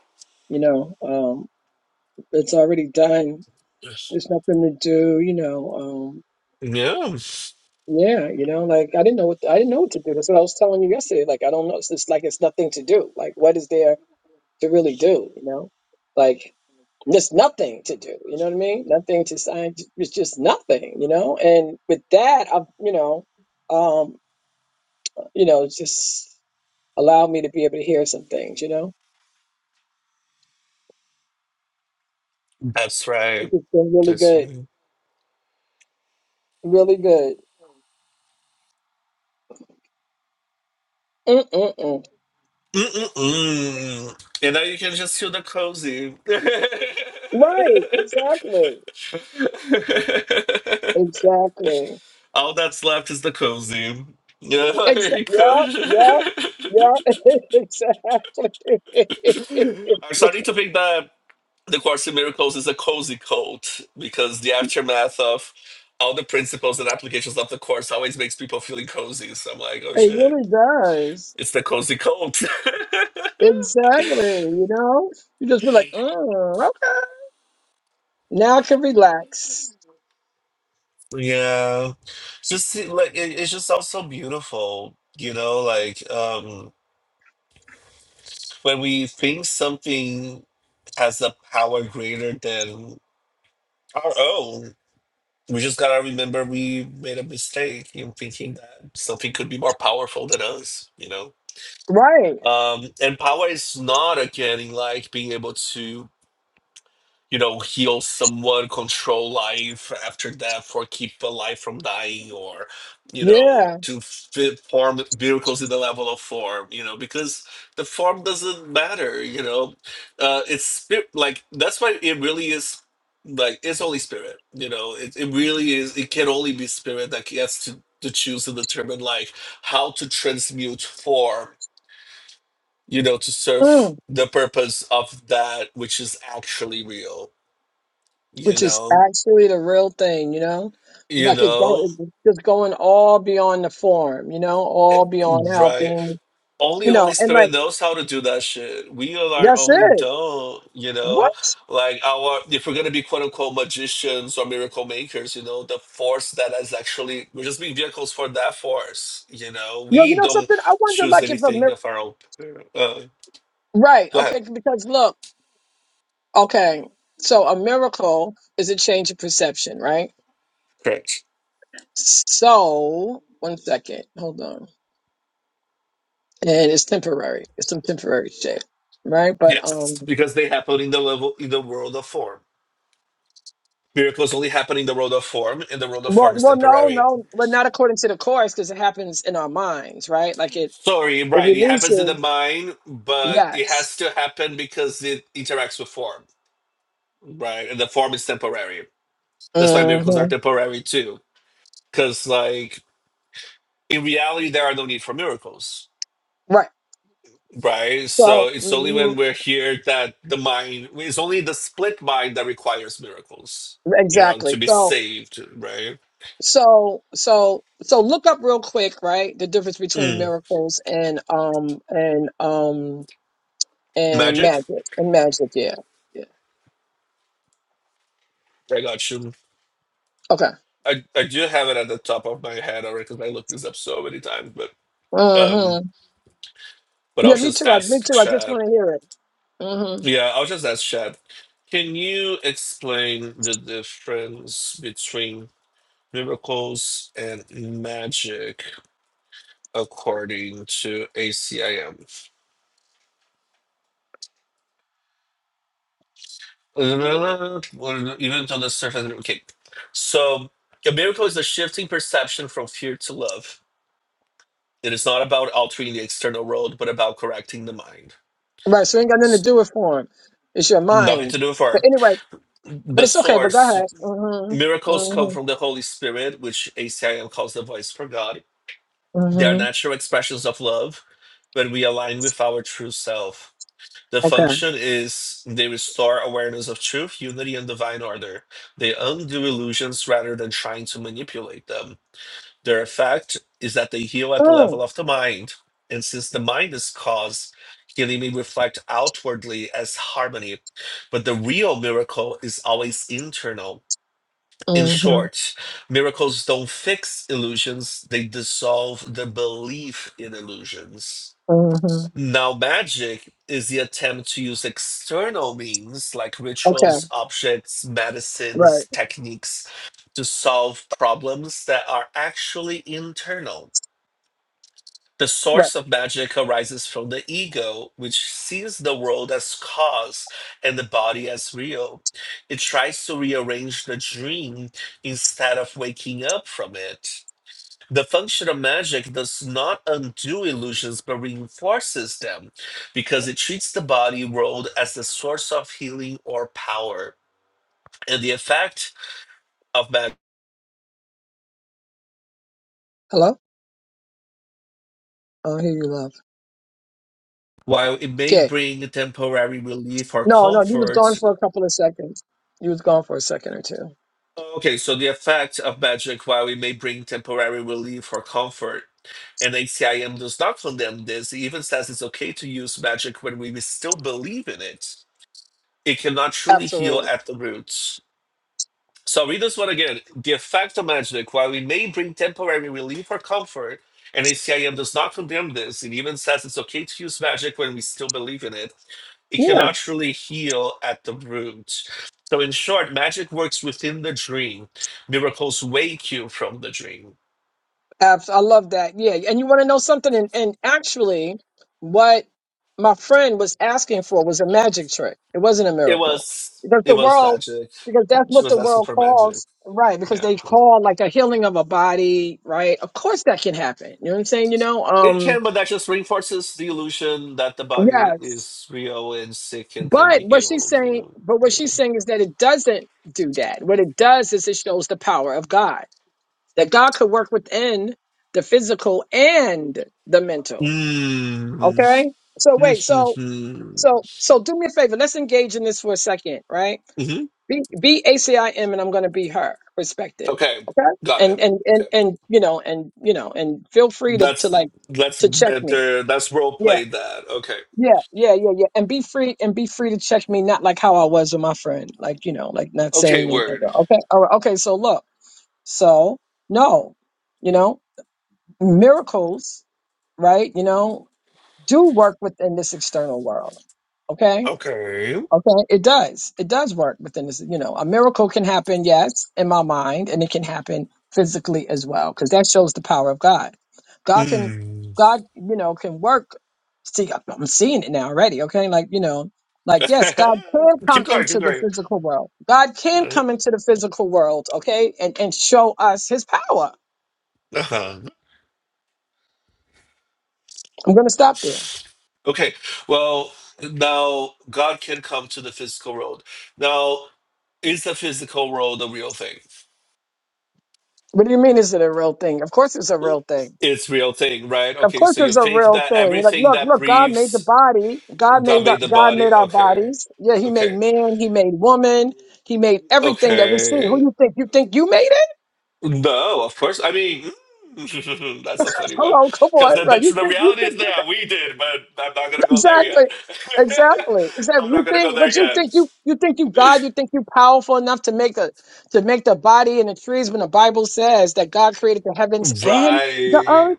[SPEAKER 3] you know um it's already done
[SPEAKER 2] Yes.
[SPEAKER 3] There's nothing to do, you know. Um,
[SPEAKER 2] yeah
[SPEAKER 3] yeah, you know, like I didn't know what I didn't know what to do. That's what I was telling you yesterday. Like I don't know. It's just like it's nothing to do. Like what is there to really do? You know, like there's nothing to do. You know what I mean? Nothing to sign. It's just nothing. You know. And with that, I, you know, um, you know, it's just allowed me to be able to hear some things. You know,
[SPEAKER 2] that's
[SPEAKER 3] it's
[SPEAKER 2] right
[SPEAKER 3] just been really
[SPEAKER 2] that's
[SPEAKER 3] good,
[SPEAKER 2] right
[SPEAKER 3] really good. Mm-mm-mm.
[SPEAKER 2] Mm-mm-mm. and now you can just feel the cozy
[SPEAKER 3] Right. Exactly. Exactly.
[SPEAKER 2] all that's left is the cozy yeah
[SPEAKER 3] Exa-
[SPEAKER 2] like-
[SPEAKER 3] yeah, yeah, yeah, exactly. it
[SPEAKER 2] i'm starting to think that The Course in Miracles is a cozy cult because the aftermath of all the principles and applications of the Course always makes people feeling cozy. So I'm like, oh shit,
[SPEAKER 3] really does.
[SPEAKER 2] it's the cozy cult.
[SPEAKER 3] Exactly. You know, you just be like, mm, okay, now I can relax.
[SPEAKER 2] yeah, It's just see, like it, it's just all so beautiful, you know. Like um when we think something has a power greater than our own. We just gotta remember we made a mistake in thinking that something could be more powerful than us, you know?
[SPEAKER 3] Right.
[SPEAKER 2] Um, and power is not again in like being able to, you know, heal someone, control life after death, or keep a life from dying, or, you know,
[SPEAKER 3] Yeah.
[SPEAKER 2] to fit form miracles in the level of form, you know, because the form doesn't matter, you know. Uh, it's spirit, like, that's why it really is. Like it's only spirit, you know. It it really is. It can only be spirit that gets to to choose and determine like how to transmute form you know, to serve
[SPEAKER 3] Mm.
[SPEAKER 2] the purpose of that which is actually real, you
[SPEAKER 3] Which is
[SPEAKER 2] know,
[SPEAKER 3] actually the real thing, you know?
[SPEAKER 2] you
[SPEAKER 3] Like it go,
[SPEAKER 2] know,
[SPEAKER 3] it's just going all beyond the form, you know,
[SPEAKER 2] Eh,
[SPEAKER 3] all beyond
[SPEAKER 2] right?
[SPEAKER 3] helping,
[SPEAKER 2] Only
[SPEAKER 3] you
[SPEAKER 2] Holy
[SPEAKER 3] know, and like,
[SPEAKER 2] Spirit knows how to do that shit. We on our
[SPEAKER 3] that's
[SPEAKER 2] only
[SPEAKER 3] it.
[SPEAKER 2] don't, you know,
[SPEAKER 3] What?
[SPEAKER 2] like our if we're gonna be quote unquote magicians or miracle makers, you know, the force that is actually we're just being vehicles for that force, you know.
[SPEAKER 3] Yo, you
[SPEAKER 2] We
[SPEAKER 3] know
[SPEAKER 2] don't
[SPEAKER 3] something? I wonder,
[SPEAKER 2] choose
[SPEAKER 3] like, if a
[SPEAKER 2] anything
[SPEAKER 3] mir-
[SPEAKER 2] of our own. Uh,
[SPEAKER 3] Right.
[SPEAKER 2] go ahead,
[SPEAKER 3] Okay. Because look. Okay. So a miracle is a change of perception, right?
[SPEAKER 2] correct?
[SPEAKER 3] So one second, hold on. And it's temporary. It's some temporary shit, right? But um,
[SPEAKER 2] Yes, because they happen in the level in the world of form. Miracles only happen in the world of form, and the world of
[SPEAKER 3] well,
[SPEAKER 2] form is
[SPEAKER 3] well, no,
[SPEAKER 2] temporary.
[SPEAKER 3] no, but not according to the course because it happens in our minds, right? Like it,
[SPEAKER 2] Sorry,
[SPEAKER 3] it
[SPEAKER 2] right, it happens in the
[SPEAKER 3] releases.
[SPEAKER 2] mind, but it
[SPEAKER 3] Yes.
[SPEAKER 2] has to happen because it interacts with form, right? And the form is temporary. That's why miracles are
[SPEAKER 3] hmm
[SPEAKER 2] temporary too. Because, like, in reality, there are no need for miracles,
[SPEAKER 3] Right.
[SPEAKER 2] right?
[SPEAKER 3] So
[SPEAKER 2] So it's only when
[SPEAKER 3] mhm,
[SPEAKER 2] we're here that the mind, it's only the split mind that requires miracles, you know, to
[SPEAKER 3] exactly.
[SPEAKER 2] be
[SPEAKER 3] So
[SPEAKER 2] saved, right?
[SPEAKER 3] so so so look up real quick, right? The difference between
[SPEAKER 2] Mm.
[SPEAKER 3] miracles and um and um and
[SPEAKER 2] Magic?
[SPEAKER 3] magic and magic. Yeah, yeah.
[SPEAKER 2] I got you.
[SPEAKER 3] Okay.
[SPEAKER 2] I, I do have it at the top of my head already because I looked this up so many times, but um,
[SPEAKER 3] Mm-hmm.
[SPEAKER 2] but I'll
[SPEAKER 3] Yeah, me
[SPEAKER 2] just
[SPEAKER 3] too. I, me
[SPEAKER 2] ask
[SPEAKER 3] too. I just
[SPEAKER 2] Chad.
[SPEAKER 3] want to hear it. Mm-hmm.
[SPEAKER 2] Yeah, I'll just ask Chad. Can you explain the difference between miracles and magic according to ACIM? Well, Even on the surface, okay. So a miracle is a shifting perception from fear to love. It is not about altering the external world, but about correcting the mind.
[SPEAKER 3] Right. So it ain't got nothing to do with form. It's your
[SPEAKER 2] Nothing to
[SPEAKER 3] mind.
[SPEAKER 2] do for
[SPEAKER 3] But anyway, but
[SPEAKER 2] The
[SPEAKER 3] it's okay. But go
[SPEAKER 2] source.
[SPEAKER 3] ahead. Mm-hmm.
[SPEAKER 2] Miracles come from
[SPEAKER 3] Mm-hmm.
[SPEAKER 2] the Holy Spirit, which ACIM calls the voice for God. They are
[SPEAKER 3] Mm-hmm.
[SPEAKER 2] natural expressions of love when we align with our true self. The
[SPEAKER 3] Okay.
[SPEAKER 2] function is they restore awareness of truth, unity, and divine order. They undo illusions rather than trying to manipulate them. Their effect is that they heal at the
[SPEAKER 3] Mm.
[SPEAKER 2] level of the mind. And since the mind is cause, healing may reflect outwardly as harmony. But the real miracle is always internal. In
[SPEAKER 3] Mm-hmm.
[SPEAKER 2] short, miracles don't fix illusions, they dissolve the belief in illusions.
[SPEAKER 3] Mm-hmm.
[SPEAKER 2] Now, magic is the attempt to use external means like rituals,
[SPEAKER 3] Okay.
[SPEAKER 2] objects,
[SPEAKER 3] Right.
[SPEAKER 2] medicines, techniques to solve problems that are actually internal the
[SPEAKER 3] Right.
[SPEAKER 2] source of magic arises from the ego, which sees the world as cause and the body as real. It tries to rearrange the dream instead of waking up from it. The function of magic does not undo illusions but reinforces them because it treats the body world as the source of healing or power. And the effect of magic,
[SPEAKER 3] Hello. Oh, I hear you, love.
[SPEAKER 2] while it may
[SPEAKER 3] Okay.
[SPEAKER 2] bring temporary relief or
[SPEAKER 3] No, no. You was
[SPEAKER 2] comfort,
[SPEAKER 3] gone for a couple of seconds. You was gone for a second or two.
[SPEAKER 2] Okay, so the effect of magic, while it may bring temporary relief or comfort, and ACIM does not condemn this, it even says it's okay to use magic when we still believe in it. It cannot truly heal
[SPEAKER 3] Absolutely.
[SPEAKER 2] at the roots. So I'll read this one again. The effect of magic, while we may bring temporary relief or comfort, and ACIM does not condemn this, it even says it's okay to use magic when we still believe in it, it
[SPEAKER 3] yeah.
[SPEAKER 2] cannot truly heal at the root. So, in short, magic works within the dream. Miracles wake you from the dream.
[SPEAKER 3] Abs- I love that. Yeah. And you want to know something? And, and actually, what my friend was asking for was a magic trick. It wasn't a
[SPEAKER 2] It
[SPEAKER 3] miracle.
[SPEAKER 2] was
[SPEAKER 3] Because
[SPEAKER 2] it
[SPEAKER 3] the
[SPEAKER 2] was
[SPEAKER 3] world,
[SPEAKER 2] magic.
[SPEAKER 3] because that's
[SPEAKER 2] She
[SPEAKER 3] what
[SPEAKER 2] was
[SPEAKER 3] the
[SPEAKER 2] asking
[SPEAKER 3] world
[SPEAKER 2] for magic.
[SPEAKER 3] calls, right? Because
[SPEAKER 2] Yeah,
[SPEAKER 3] they call like a healing of a body, right? Of course that can happen. You know what I'm saying? You know,
[SPEAKER 2] it
[SPEAKER 3] um,
[SPEAKER 2] can, but that just reinforces the illusion that the body
[SPEAKER 3] yes.
[SPEAKER 2] is real and sick and can
[SPEAKER 3] But
[SPEAKER 2] be
[SPEAKER 3] what she's
[SPEAKER 2] healed. You
[SPEAKER 3] saying,
[SPEAKER 2] know.
[SPEAKER 3] but what
[SPEAKER 2] Yeah.
[SPEAKER 3] she's saying is that it doesn't do that. What it does is it shows the power of God, that God could work within the physical and the mental
[SPEAKER 2] Mm.
[SPEAKER 3] Okay. So wait, so so so do me a favor. Let's engage in this for a second, right?
[SPEAKER 2] hmm
[SPEAKER 3] Be be ACIM and I'm gonna be her perspective.
[SPEAKER 2] Okay,
[SPEAKER 3] Okay.
[SPEAKER 2] got it.
[SPEAKER 3] And and and
[SPEAKER 2] Okay,
[SPEAKER 3] and you know, and you know, and feel free to, to
[SPEAKER 2] that's
[SPEAKER 3] like
[SPEAKER 2] that's
[SPEAKER 3] to check me.
[SPEAKER 2] better. That's role
[SPEAKER 3] Yeah,
[SPEAKER 2] played. That okay.
[SPEAKER 3] yeah, yeah, yeah, yeah. And be free and be free to check me, not like how I was with my friend. Like, you know, like not saying
[SPEAKER 2] Okay,
[SPEAKER 3] anything.
[SPEAKER 2] word.
[SPEAKER 3] Okay, all right, okay, so look. So no, you know, miracles, right? You know, do work within this external world. Okay
[SPEAKER 2] Okay.
[SPEAKER 3] Okay, it does. It does work within this. You know, a miracle can happen, yes, in my mind, and it can happen physically as well, because that shows the power of God. God can,
[SPEAKER 2] Mm.
[SPEAKER 3] God, you know, can work. See, I- I'm seeing it now already. Okay, like you know, like yes, God can
[SPEAKER 2] keep
[SPEAKER 3] come
[SPEAKER 2] going. Keep
[SPEAKER 3] into the
[SPEAKER 2] going.
[SPEAKER 3] physical world. God can come into the physical world. Okay, and and show us His power.
[SPEAKER 2] Uh-huh.
[SPEAKER 3] I'm going to stop there.
[SPEAKER 2] Okay. Well, now God can come to the physical world. Now, is the physical world a real thing?
[SPEAKER 3] What do you mean? Is it a real thing? Of course, it's a real thing.
[SPEAKER 2] It's real thing, right?
[SPEAKER 3] Of
[SPEAKER 2] Okay,
[SPEAKER 3] course,
[SPEAKER 2] so you
[SPEAKER 3] it's a
[SPEAKER 2] think
[SPEAKER 3] real
[SPEAKER 2] that
[SPEAKER 3] thing. You're like,
[SPEAKER 2] everything
[SPEAKER 3] look,
[SPEAKER 2] that
[SPEAKER 3] look, God made the
[SPEAKER 2] breathes
[SPEAKER 3] body. God
[SPEAKER 2] God
[SPEAKER 3] made the,
[SPEAKER 2] made the
[SPEAKER 3] God
[SPEAKER 2] body.
[SPEAKER 3] made our
[SPEAKER 2] Okay.
[SPEAKER 3] bodies. Yeah, He made
[SPEAKER 2] Okay.
[SPEAKER 3] man. He made woman. He made everything that we see. Who
[SPEAKER 2] Okay.
[SPEAKER 3] you think? You think you made it?
[SPEAKER 2] No, of course. I mean, that's a funny one.
[SPEAKER 3] Hello, come
[SPEAKER 2] Because
[SPEAKER 3] on, right?
[SPEAKER 2] that's
[SPEAKER 3] You
[SPEAKER 2] the
[SPEAKER 3] think you
[SPEAKER 2] reality
[SPEAKER 3] think
[SPEAKER 2] is
[SPEAKER 3] you
[SPEAKER 2] that
[SPEAKER 3] made
[SPEAKER 2] we did, but I'm not going to go there yet.
[SPEAKER 3] exactly, exactly, exactly.
[SPEAKER 2] I'm not
[SPEAKER 3] You
[SPEAKER 2] going to go
[SPEAKER 3] think what
[SPEAKER 2] there
[SPEAKER 3] you think
[SPEAKER 2] yet.
[SPEAKER 3] you you think you God? You think you powerful enough to make a to make the body and the trees? When the Bible says that God created the heavens and the
[SPEAKER 2] Right.
[SPEAKER 3] earth.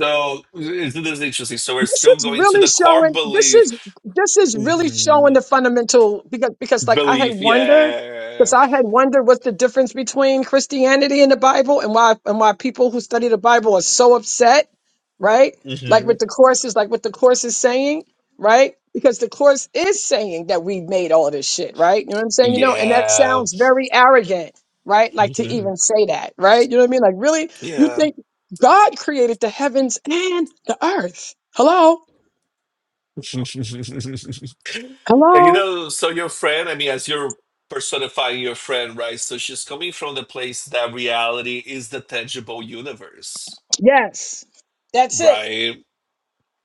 [SPEAKER 2] So, isn't this interesting? So, we're
[SPEAKER 3] this
[SPEAKER 2] still
[SPEAKER 3] is
[SPEAKER 2] going to
[SPEAKER 3] really
[SPEAKER 2] the core
[SPEAKER 3] showing this
[SPEAKER 2] belief.
[SPEAKER 3] is this is really showing
[SPEAKER 2] Mhm.
[SPEAKER 3] the fundamental because because like I had
[SPEAKER 2] Belief.
[SPEAKER 3] wondered
[SPEAKER 2] Yeah.
[SPEAKER 3] because I had wondered what's the difference between Christianity and the Bible and why and why people who study the Bible are so upset, right? Like
[SPEAKER 2] hmm
[SPEAKER 3] with the course is like what the course is saying, right? Because the course is saying that we made all this shit, right? You know what I'm saying? You know, and that
[SPEAKER 2] Yeah.
[SPEAKER 3] sounds very arrogant, right? Like to
[SPEAKER 2] hmm
[SPEAKER 3] even say that, right? You know what I mean? Like really, you
[SPEAKER 2] Yeah.
[SPEAKER 3] think God created the heavens and the earth Hello?
[SPEAKER 2] And you
[SPEAKER 3] Hello?
[SPEAKER 2] know, so your friend, I mean, as you're personifying your friend, right? So she's coming from the place that reality is the tangible universe,
[SPEAKER 3] Yes. That's it.
[SPEAKER 2] right?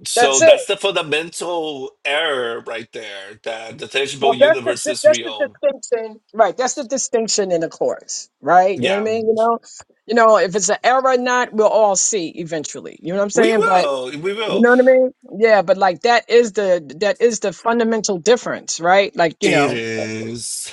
[SPEAKER 2] So
[SPEAKER 3] That's it.
[SPEAKER 2] that's the fundamental error right there that the
[SPEAKER 3] Well,
[SPEAKER 2] tangible
[SPEAKER 3] that's the
[SPEAKER 2] universe
[SPEAKER 3] di-
[SPEAKER 2] is
[SPEAKER 3] that's the
[SPEAKER 2] real.
[SPEAKER 3] distinction, right? That's the distinction in the chorus, right? You know what I
[SPEAKER 2] Yeah,
[SPEAKER 3] mean? You know, you know, if it's an error or not, we'll all see eventually. You know what I'm
[SPEAKER 2] we
[SPEAKER 3] saying? But
[SPEAKER 2] will. We
[SPEAKER 3] you
[SPEAKER 2] will.
[SPEAKER 3] know what I mean? Yeah, but like that is the that is the fundamental difference, right? Like you
[SPEAKER 2] It
[SPEAKER 3] know,
[SPEAKER 2] is.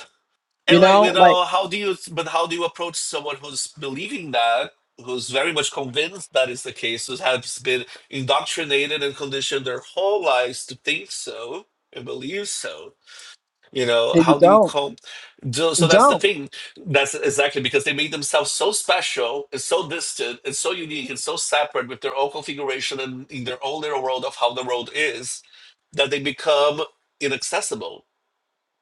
[SPEAKER 3] you
[SPEAKER 2] And like, you
[SPEAKER 3] know, like
[SPEAKER 2] know, how do you, but how do you approach someone who's believing that, who's very much convinced that is the case, who has been indoctrinated and conditioned their whole lives to think so and believe so? You know,
[SPEAKER 3] if you
[SPEAKER 2] how do you
[SPEAKER 3] don't,
[SPEAKER 2] come? So,
[SPEAKER 3] you
[SPEAKER 2] so that's the
[SPEAKER 3] don't,
[SPEAKER 2] thing. That's exactly because they made themselves so special and so distant and so unique and so separate with their own configuration and in their own little world of how the world is that they become inaccessible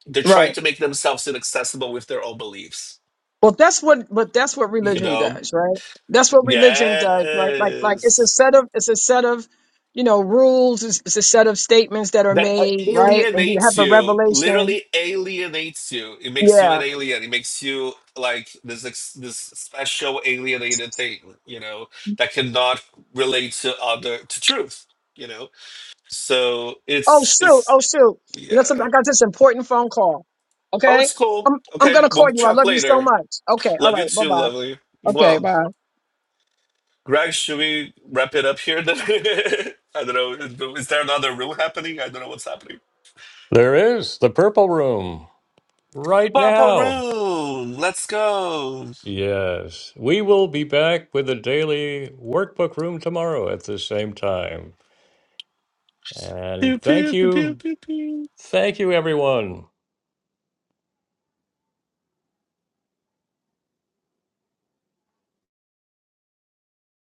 [SPEAKER 2] they're trying
[SPEAKER 3] right?
[SPEAKER 2] to make themselves inaccessible with their own beliefs
[SPEAKER 3] Well, that's what, but that's what
[SPEAKER 2] you
[SPEAKER 3] religion
[SPEAKER 2] know
[SPEAKER 3] does, right? That's what religion does, right? Like, like it's a
[SPEAKER 2] yes
[SPEAKER 3] set of, it's a set of, you know, rules. It's, it's a set of statements that are
[SPEAKER 2] that uh,
[SPEAKER 3] made, right? And you
[SPEAKER 2] alienates
[SPEAKER 3] have a
[SPEAKER 2] you
[SPEAKER 3] revelation.
[SPEAKER 2] literally alienates you it makes you
[SPEAKER 3] Yeah.
[SPEAKER 2] an alien it makes you like this ex- this special alienated thing you know that cannot relate to other to truth you know so
[SPEAKER 3] Oh
[SPEAKER 2] it's
[SPEAKER 3] shoot. Oh
[SPEAKER 2] it's
[SPEAKER 3] shoot. You know something?
[SPEAKER 2] yeah
[SPEAKER 3] I got this important phone call.
[SPEAKER 2] oh
[SPEAKER 3] Okay.
[SPEAKER 2] it's cool
[SPEAKER 3] I'm, I'm
[SPEAKER 2] okay
[SPEAKER 3] gonna call
[SPEAKER 2] we'll
[SPEAKER 3] you. I
[SPEAKER 2] talk
[SPEAKER 3] love you so
[SPEAKER 2] later
[SPEAKER 3] much. Okay. All
[SPEAKER 2] love you
[SPEAKER 3] right. Bye
[SPEAKER 2] too
[SPEAKER 3] bye.
[SPEAKER 2] lovely
[SPEAKER 3] Okay.
[SPEAKER 2] well
[SPEAKER 3] Bye.
[SPEAKER 2] Greg, should we wrap it up here? Then I don't know. Is is there another room happening? I don't know what's happening.
[SPEAKER 1] There is the Purple Room right
[SPEAKER 2] Purple
[SPEAKER 1] now.
[SPEAKER 2] room. Let's go.
[SPEAKER 1] Yes, we will be back with the daily workbook room tomorrow at the same time. And
[SPEAKER 2] Pew,
[SPEAKER 1] thank
[SPEAKER 2] pew, pew, pew,
[SPEAKER 1] you.
[SPEAKER 2] pew, pew.
[SPEAKER 1] Thank you, everyone.